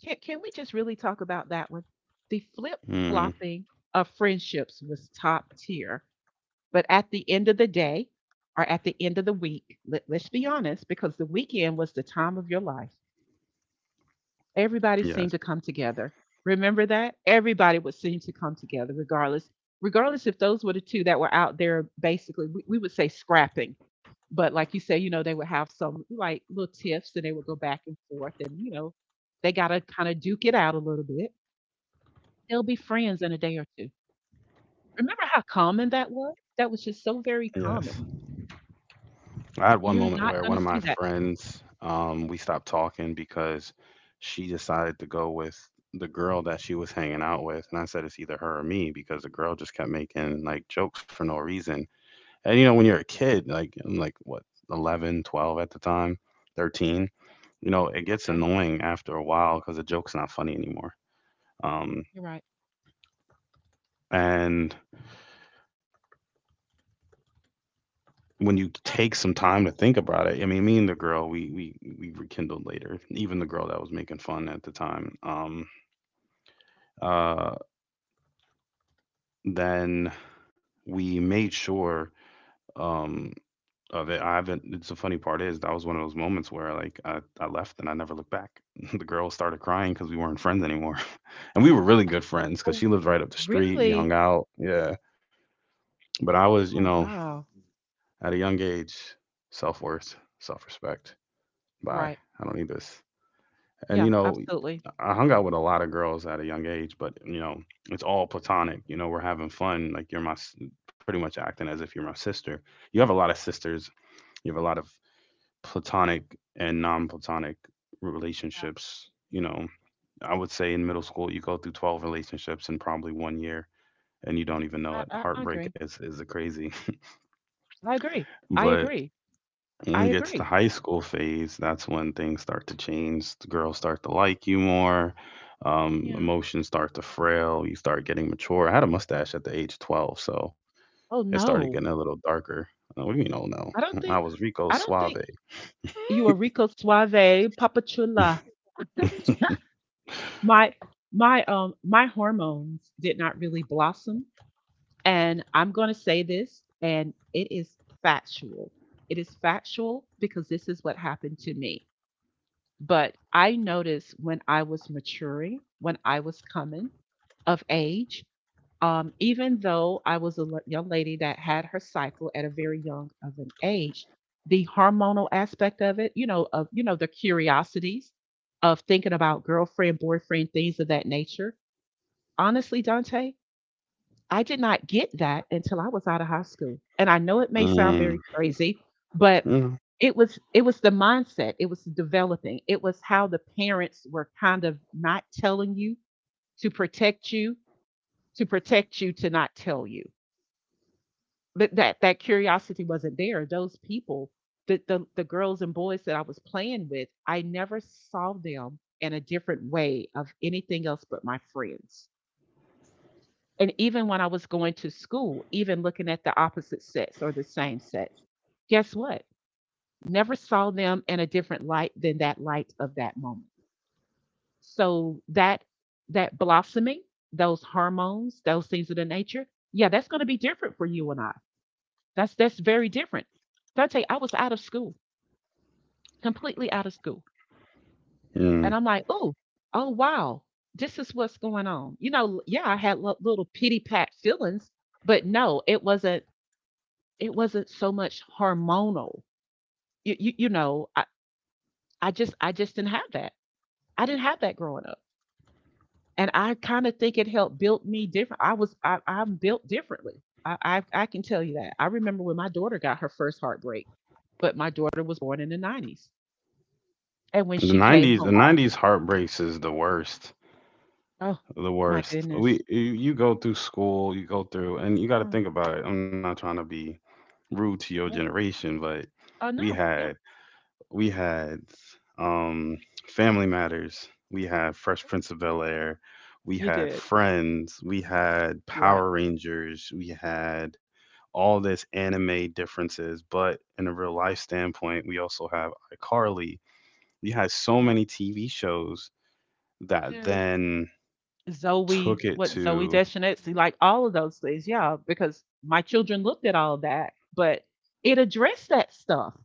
Can, can we just really talk about that one? The flip Hmm. flopping of friendships was top tier. But at the end of the day or at the end of the week, let, let's be honest, because the weekend was the time of your life. Everybody seemed Yes. to come together. Remember that? Everybody would seem to come together, regardless. Regardless if those were the two that were out there, basically, we, we would say scrapping. But like you say, you know, they would have some like little tiffs and they would go back and forth and, you know, they got to kind of duke it out a little bit. They'll be friends in a day or two. Remember how common that was? That was just so very Yes. common. I had one You're moment not where going one to of my see that. friends, um, we stopped talking because she decided to go with the girl that she was hanging out with, and I said it's either her or me because the girl just kept making like jokes for no reason. And you know, when you're a kid, like I'm like what, eleven, twelve at the time, thirteen. You know, it gets Okay. annoying after a while because the joke's not funny anymore. Um, You're right. and when you Yeah. take some time to think about it, I mean, me and the girl, we we we rekindled later. Even the girl that was making fun at the time. Um, uh, then we made sure um of it. I haven't. It's the funny part is that was one of those moments where like I, I left and I never looked back. The girl started crying because we weren't friends anymore, and we were really good friends because Oh, she lived right up the street. We really? hung out. Yeah, but I was, you Oh, know, wow. at a young age, self worth, self respect. You're Bye. right. I don't need this. And you Yeah, know, absolutely. I hung out with a lot of girls at a young age, but you know, it's all platonic. You know, we're having fun. Like you're my, pretty much acting as if you're my sister. You have a lot of sisters. You have a lot of platonic and non-platonic relationships. You know, I would say in middle school you go through twelve relationships in probably one year, and you don't even know I it. I I Heartbreak agree. is is a crazy, I agree. I but agree. when you I get to the agree. high school phase, that's when things start to change. The girls start to like you more. Um, Yeah. emotions start to frail. You start getting mature. I had a mustache at the age of twelve, so Oh it started getting no. a little darker. Uh, What do you mean, oh no? I don't I think was Rico I don't Suave. think you are Rico Suave, Papa Chula. my my um my hormones did not really blossom. And I'm gonna say this, and it is factual. It is factual because this is what happened to me. But I noticed when I was maturing, when I was coming of age. Um, even though I was a l- young lady that had her cycle at a very young of an age, the hormonal aspect of it, you know, of you know the curiosities of thinking about girlfriend, boyfriend, things of that nature. Honestly, Dante, I did not get that until I was out of high school, and I know it may sound very Mm, crazy, but mm, it was it was the mindset it was developing it was how the parents were kind of not telling you to protect you to protect you to not tell you but that that curiosity wasn't there. Those people, the, the the girls and boys that I was playing with, I never saw them in a different way of anything else but my friends. And even when I was going to school, even looking at the opposite sex or the same sex, guess what? Never saw them in a different light than that light of that moment. So that that blossoming, those hormones, those things of the nature, yeah, that's going to be different for you and I. That's that's very different. Dante, I was out of school, completely out of school. mm. And I'm like, oh, oh wow, this is what's going on. You know, yeah, I had li- little pity pat feelings, but no, it wasn't it wasn't so much hormonal. You you, you know, I, I just I just didn't have that. I didn't have that growing up. And I kind of think it helped build me different. I was I, I'm built differently. I, I I can tell you that. I remember when my daughter got her first heartbreak, but my daughter was born in the nineties. And when The she came nineties, the home nineties heartbreaks is the worst. oh, The my worst. goodness. We, you you go through school, you go through, and you got to Yeah, think about it. I'm not trying to be rude to your yeah. generation, but Oh, we no, yeah, had we had um, Family Matters, we had Fresh Prince of Bel Air, we you had did. Friends, we had You're right. Power Rangers, we had all this anime differences. But in a real Yeah, life standpoint, we also have iCarly. We had so yeah, many T V shows you that did. then Zoe took it what, Zoe to Deschanetsky, like, all of those things, yeah, because my children looked at all that, but it addressed that stuff.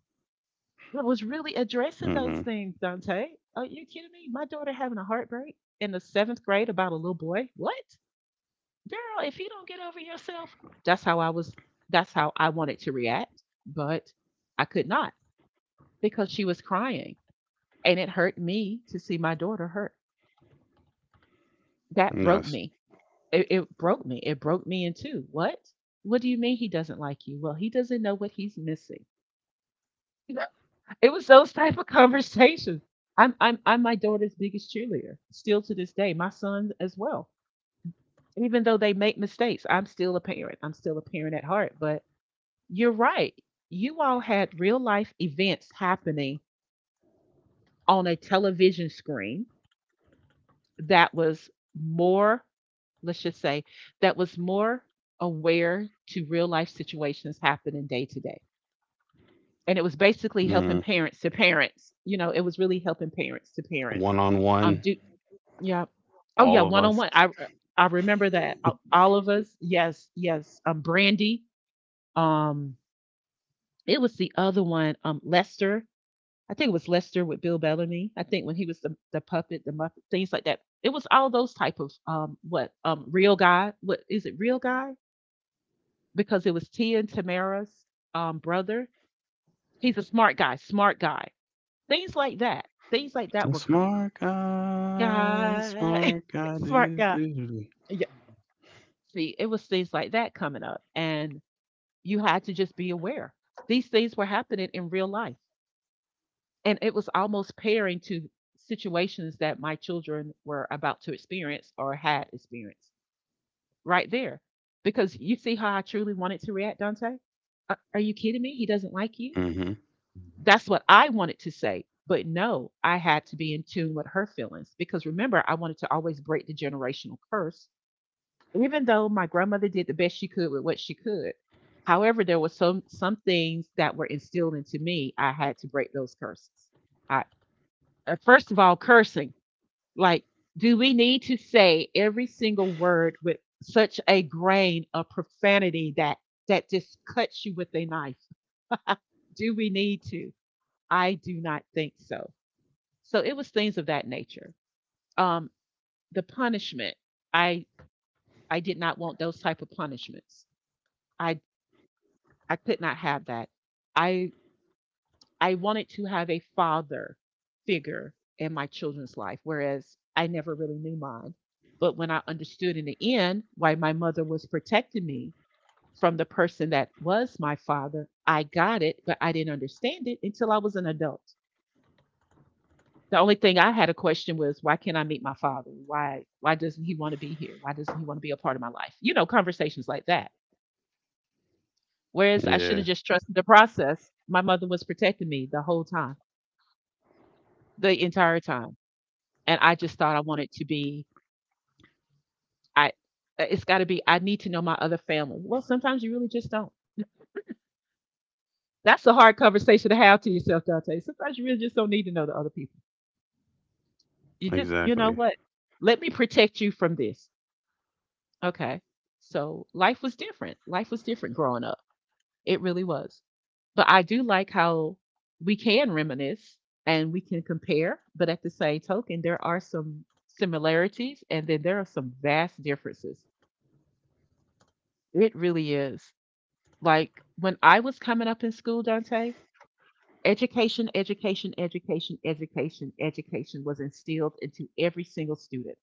It was really addressing hmm, those things, Dante. Are you kidding me? My daughter having a heartbreak in the seventh grade about a little boy? What? Girl, if you don't get over yourself that's how I was that's how I wanted to react, but I could not, because she was crying and it hurt me to see my daughter hurt that broke yes, me it, it broke me it broke me in two what what do you mean he doesn't like you well he doesn't know what he's missing. It was those type of conversations. I'm I'm I'm my daughter's biggest cheerleader still to this day, my sons as well. Even though they make mistakes, I'm still a parent. I'm still a parent at heart, but you're right. You all had real life events happening on a television screen that was more, let's just say, that was more aware to real life situations happening day to day. And it was basically mm, helping parents to parents. You know, it was really helping parents to parents. one on Um, one, do Yeah. Oh yeah, all of one us. on one. I uh, I remember that. A- All of us. Yes, yes. Um, Brandy. Um, it was the other one. Um, Lester. I think it was Lester with Bill Bellamy. I think when he was the, the puppet, the Muppet, things like that. It was all those type of um what um real guy. What is it, real guy? Because it was Tia and Tamara's um brother. He's a smart guy, smart guy. Things like that. Things like that The were coming on. smart guy, Guy, smart guy, smart do guy. do. Do. Yeah. See, it was things like that coming up, and you had to just be aware. These things were happening in real life. And it was almost pairing to situations that my children were about to experience or had experienced right there. Because you see how I truly wanted to react, Dante? Uh, Are you kidding me? He doesn't like you? Mm-hmm. That's what I wanted to say. But no, I had to be in tune with her feelings because remember, I wanted to always break the generational curse, even though my grandmother did the best she could with what she could. However, there were some some things that were instilled into me. I had to break those curses. I, uh, First of all, cursing. Like, do we need to say every single word with such a grain of profanity that that just cuts you with a knife? Do we need to? I do not think so. So it was things of that nature. Um, the punishment, I I did not want those type of punishments. I I could not have that. I I wanted to have a father figure in my children's life, whereas I never really knew mine. But when I understood in the end why my mother was protecting me from the person that was my father, I got it, but I didn't understand it until I was an adult. The only thing I had a question was why can't I meet my father? Why why doesn't he want to be here? Why doesn't he want to be a part of my life? You know, conversations like that. Whereas I should Yeah, have just trusted the process. My mother was protecting me the whole time, the entire time. And I just thought I wanted to be, I, uh, it's got to be, I need to know my other family. Well, sometimes you really just don't. That's a hard conversation to have to yourself, Dante. Sometimes you really just don't need to know the other people. You just, you know exactly. what? Let me protect you from this. Okay. So life was different. Life was different growing up. It really was. But I do like how we can reminisce and we can compare, but at the same token, there are some similarities and then there are some vast differences. It really is. Like when I was coming up in school, Dante, education, education, education, education, education was instilled into every single student.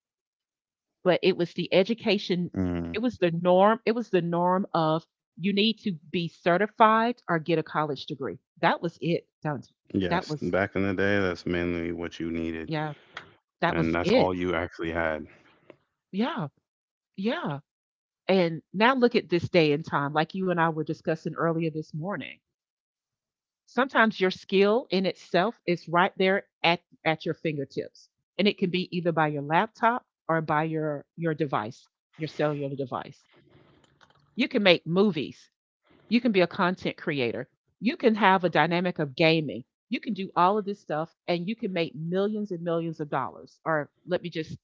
But it was the education, it Mm. was the norm, it was the norm of you need to be certified or get a college degree. That was it, Dante. That Yes, was, back in the day, that's mainly what you needed, yeah, that and was that's it. all you actually had. Yeah, yeah. And now look at this day and time, like you and I were discussing earlier this morning. Sometimes your skill in itself is right there at, at your fingertips. And it can be either by your laptop or by your, your device, your cellular device. You can make movies. You can be a content creator. You can have a dynamic of gaming. You can do all of this stuff and you can make millions and millions of dollars. Or let me just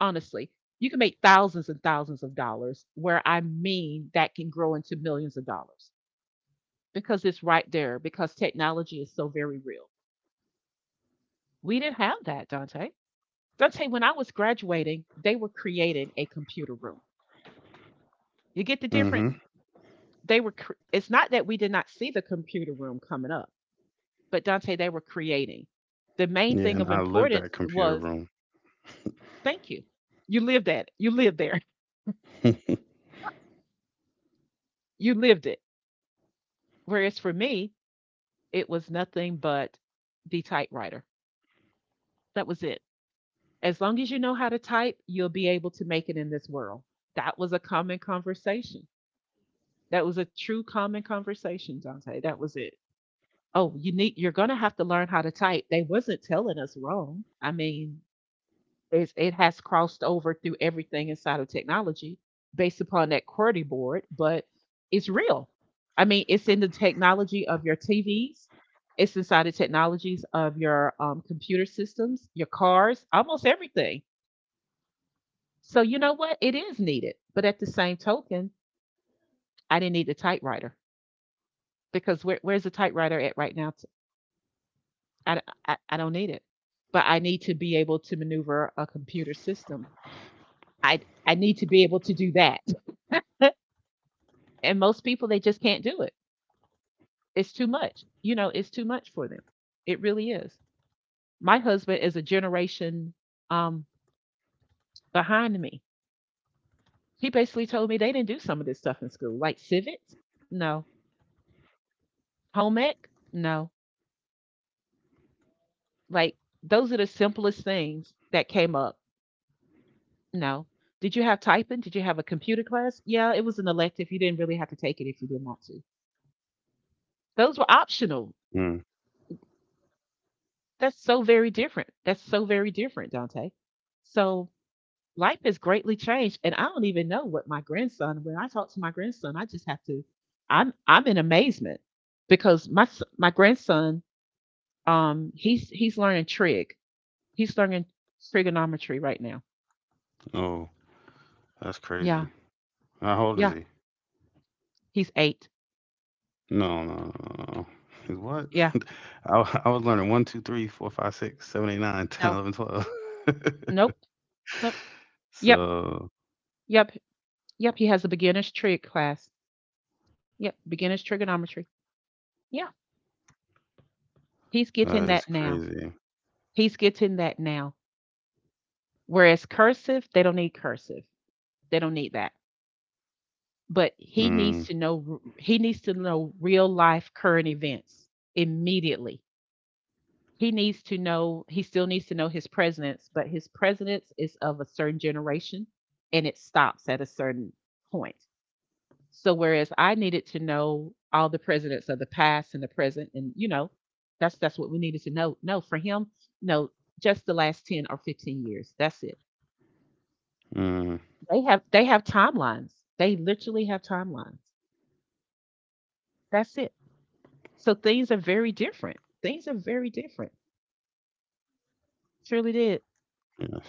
honestly, you can make thousands and thousands of dollars, where I mean that can grow into millions of dollars because it's right there, because technology is so very real. We didn't have that, Dante. Dante, when I was graduating, they were creating a computer room. You get the difference? Mm-hmm. They were, cr- it's not that we did not see the computer room coming up, but Dante, they were creating. The main Yeah, thing and of I lived importance that computer was room. thank you. You lived at it. You lived there. You lived it. Whereas for me, it was nothing but the typewriter. That was it. As long as you know how to type, you'll be able to make it in this world. That was a common conversation. That was a true common conversation, Dante. That was it. Oh, you need you're gonna have to learn how to type. They wasn't telling us wrong. I mean, it's, it has crossed over through everything inside of technology based upon that QWERTY board, but it's real. I mean, it's in the technology of your T Vs. It's inside the technologies of your um, computer systems, your cars, almost everything. So you know what? It is needed. But at the same token, I didn't need a typewriter because where, where's the typewriter at right now? I I d- I- I don't need it, but I need to be able to maneuver a computer system. I I need to be able to do that. And most people they just can't do it. It's too much. You know, it's too much for them. It really is. My husband is a generation um behind me. He basically told me they didn't do some of this stuff in school, like civics, no, home ec, no. Like those are the simplest things that came up. No. Did you have typing? Did you have a computer class? Yeah, it was an elective. You didn't really have to take it if you didn't want to. Those were optional. Mm. That's so very different. That's so very different, Dante. So life has greatly changed, and I don't even know what my grandson. When I talk to my grandson, I just have to. I'm I'm in amazement because my s- my grandson, um, he's he's learning trig. He's learning trigonometry right now. Oh, that's Yeah, crazy. How old yeah. is he? He's eight. No, no, no, no, no, no. He's what? Yeah. I, w- I was learning one, two, three, four, five, six, seven, eight, nine, ten, No. eleven, twelve. Nope. Nope. Yep. So Yep. Yep, he has a beginner's trig class. Yep, beginner's trigonometry. Yeah, he's that getting is that now. crazy. He's getting that now. Whereas cursive, they don't need cursive. They don't need that. But he Mm, needs to know he needs to know real life current events immediately. He needs to know he still needs to know his presidents, but his presidents is of a certain generation and it stops at a certain point. So whereas I needed to know all the presidents of the past and the present, and you know, that's that's what we needed to know. No, for him, no, just the last ten or fifteen years. That's it. mm. They have they have timelines. They literally have timelines. That's it. So things are very different. Things are very different. Surely did. Yes.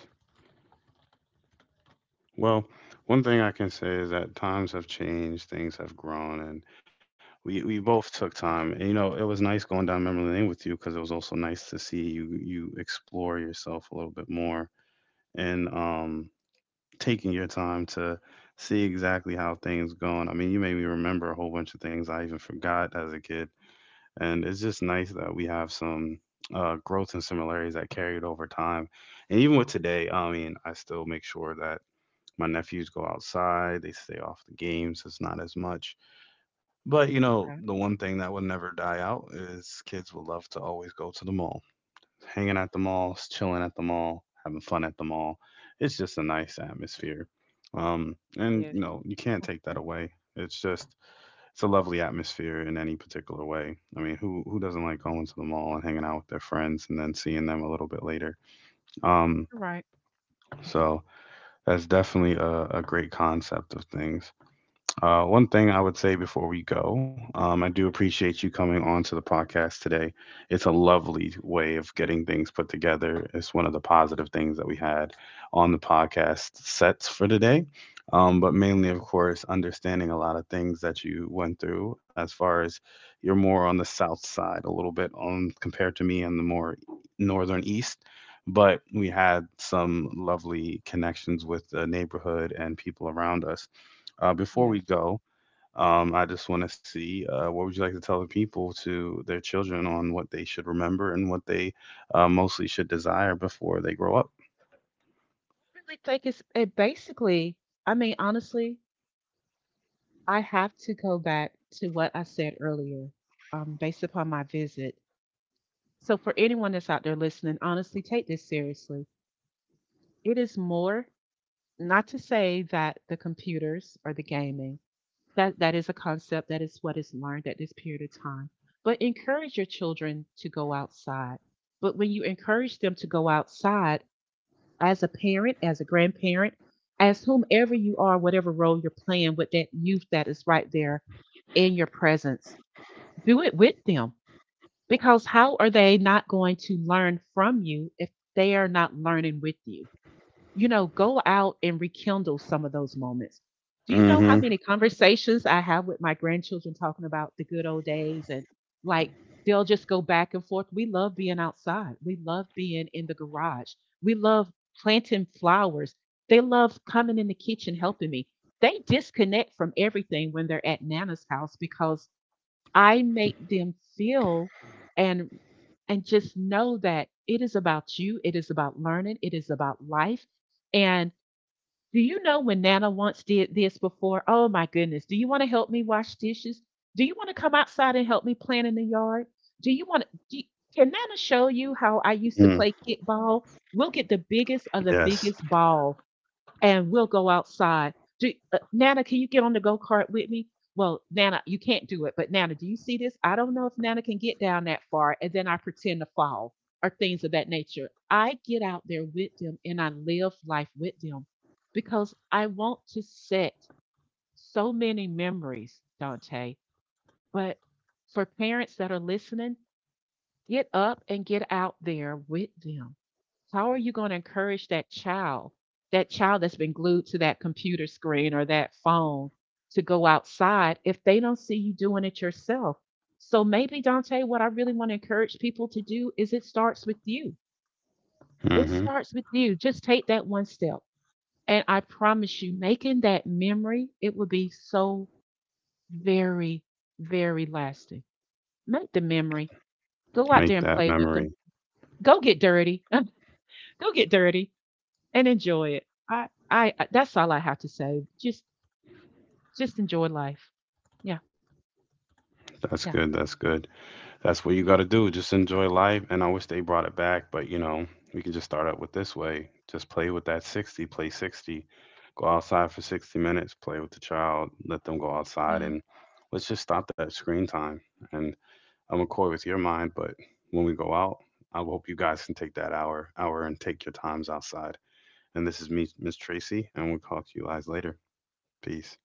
Well, one thing I can say is that times have changed, things have grown, and we we both took time. And, you know, it was nice going down memory lane with you because it was also nice to see you you explore yourself a little bit more and um taking your time to see exactly how things going. I mean, you made me remember a whole bunch of things I even forgot as a kid, and it's just nice that we have some uh, growth and similarities that carried over time. And even with today, I mean, I still make sure that my nephews go outside, they stay off the games, it's not as much. But you know, Okay. the one thing that would never die out is kids would love to always go to the mall. Hanging at the mall, chilling at the mall, having fun at the mall. It's just a nice atmosphere. Um, and you Yes. know, you can't take that away. It's just it's a lovely atmosphere in any particular way. I mean, who who doesn't like going to the mall and hanging out with their friends and then seeing them a little bit later? Um, You're right. so that's definitely a, a great concept of things. Uh, one thing I would say before we go, um, I do appreciate you coming on to the podcast today. It's a lovely way of getting things put together. It's one of the positive things that we had on the podcast sets for today. Um, but mainly, of course, understanding a lot of things that you went through as far as you're more on the south side a little bit on compared to me and the more northern east. But we had some lovely connections with the neighborhood and people around us uh, before Yes. we go, um, I just I want to see uh, what would you like to tell the people to their children on what they should remember and what they uh, mostly should desire before they grow up. really think it's it basically, I mean honestly, I have to go back to what I said earlier, um, based upon my visit. So, for anyone that's out there listening, honestly, take this seriously. It is more not to say that the computers or the gaming that that is a concept that is what is learned at this period of time. But encourage your children to go outside. But when you encourage them to go outside, as a parent, as a grandparent, as whomever you are, whatever role you're playing with that youth that is right there in your presence, do it with them. Because how are they not going to learn from you if they are not learning with you? You know, go out and rekindle some of those moments. Do you know how Mm-hmm. many conversations I have with my grandchildren talking about the good old days and like they'll just go back and forth. We love being outside. We love being in the garage. We love planting flowers. They love coming in the kitchen helping me. They disconnect from everything when they're at Nana's house because I make them feel and and just know that it is about you, it is about learning, it is about life. And do you know when Nana once did this before? Oh my goodness. Do you want to help me wash dishes? Do you want to come outside and help me plant in the yard? Do you want to do you- Can Nana show you how I used to Mm, play kickball? We'll get the biggest of the yes. biggest ball and we'll go outside. Do, uh, Nana, can you get on the go kart with me? Well, Nana, you can't do it, but Nana, do you see this? I don't know if Nana can get down that far, and then I pretend to fall or things of that nature. I get out there with them and I live life with them because I want to set so many memories, Dante. But for parents that are listening, get up and get out there with them. How are you going to encourage that child, that child that's been glued to that computer screen or that phone to go outside if they don't see you doing it yourself? So maybe, Dante, what I really want to encourage people to do is it starts with you. It Mm-hmm. starts with you. Just take that one step. And I promise you, making that memory, it will be so very, very lasting. Make the memory. Go out there Make and that play with them. memory. Go get dirty. Go get dirty and enjoy it. I, I, I- that's all I have to say. Just, just enjoy life. Yeah, That's yeah, good. That's good. That's what you got to do. Just enjoy life. And I wish they brought it back, but you know, we can just start out with this way. Just play with that sixty, play sixty, go outside for sixty minutes, play with the child, let them go outside, yeah. and let's just stop that screen time and I'm McCoy with your mind, but when we go out, I hope you guys can take that hour, hour, and take your times outside. And this is me, Miss Tracy, and we'll talk to you guys later. Peace.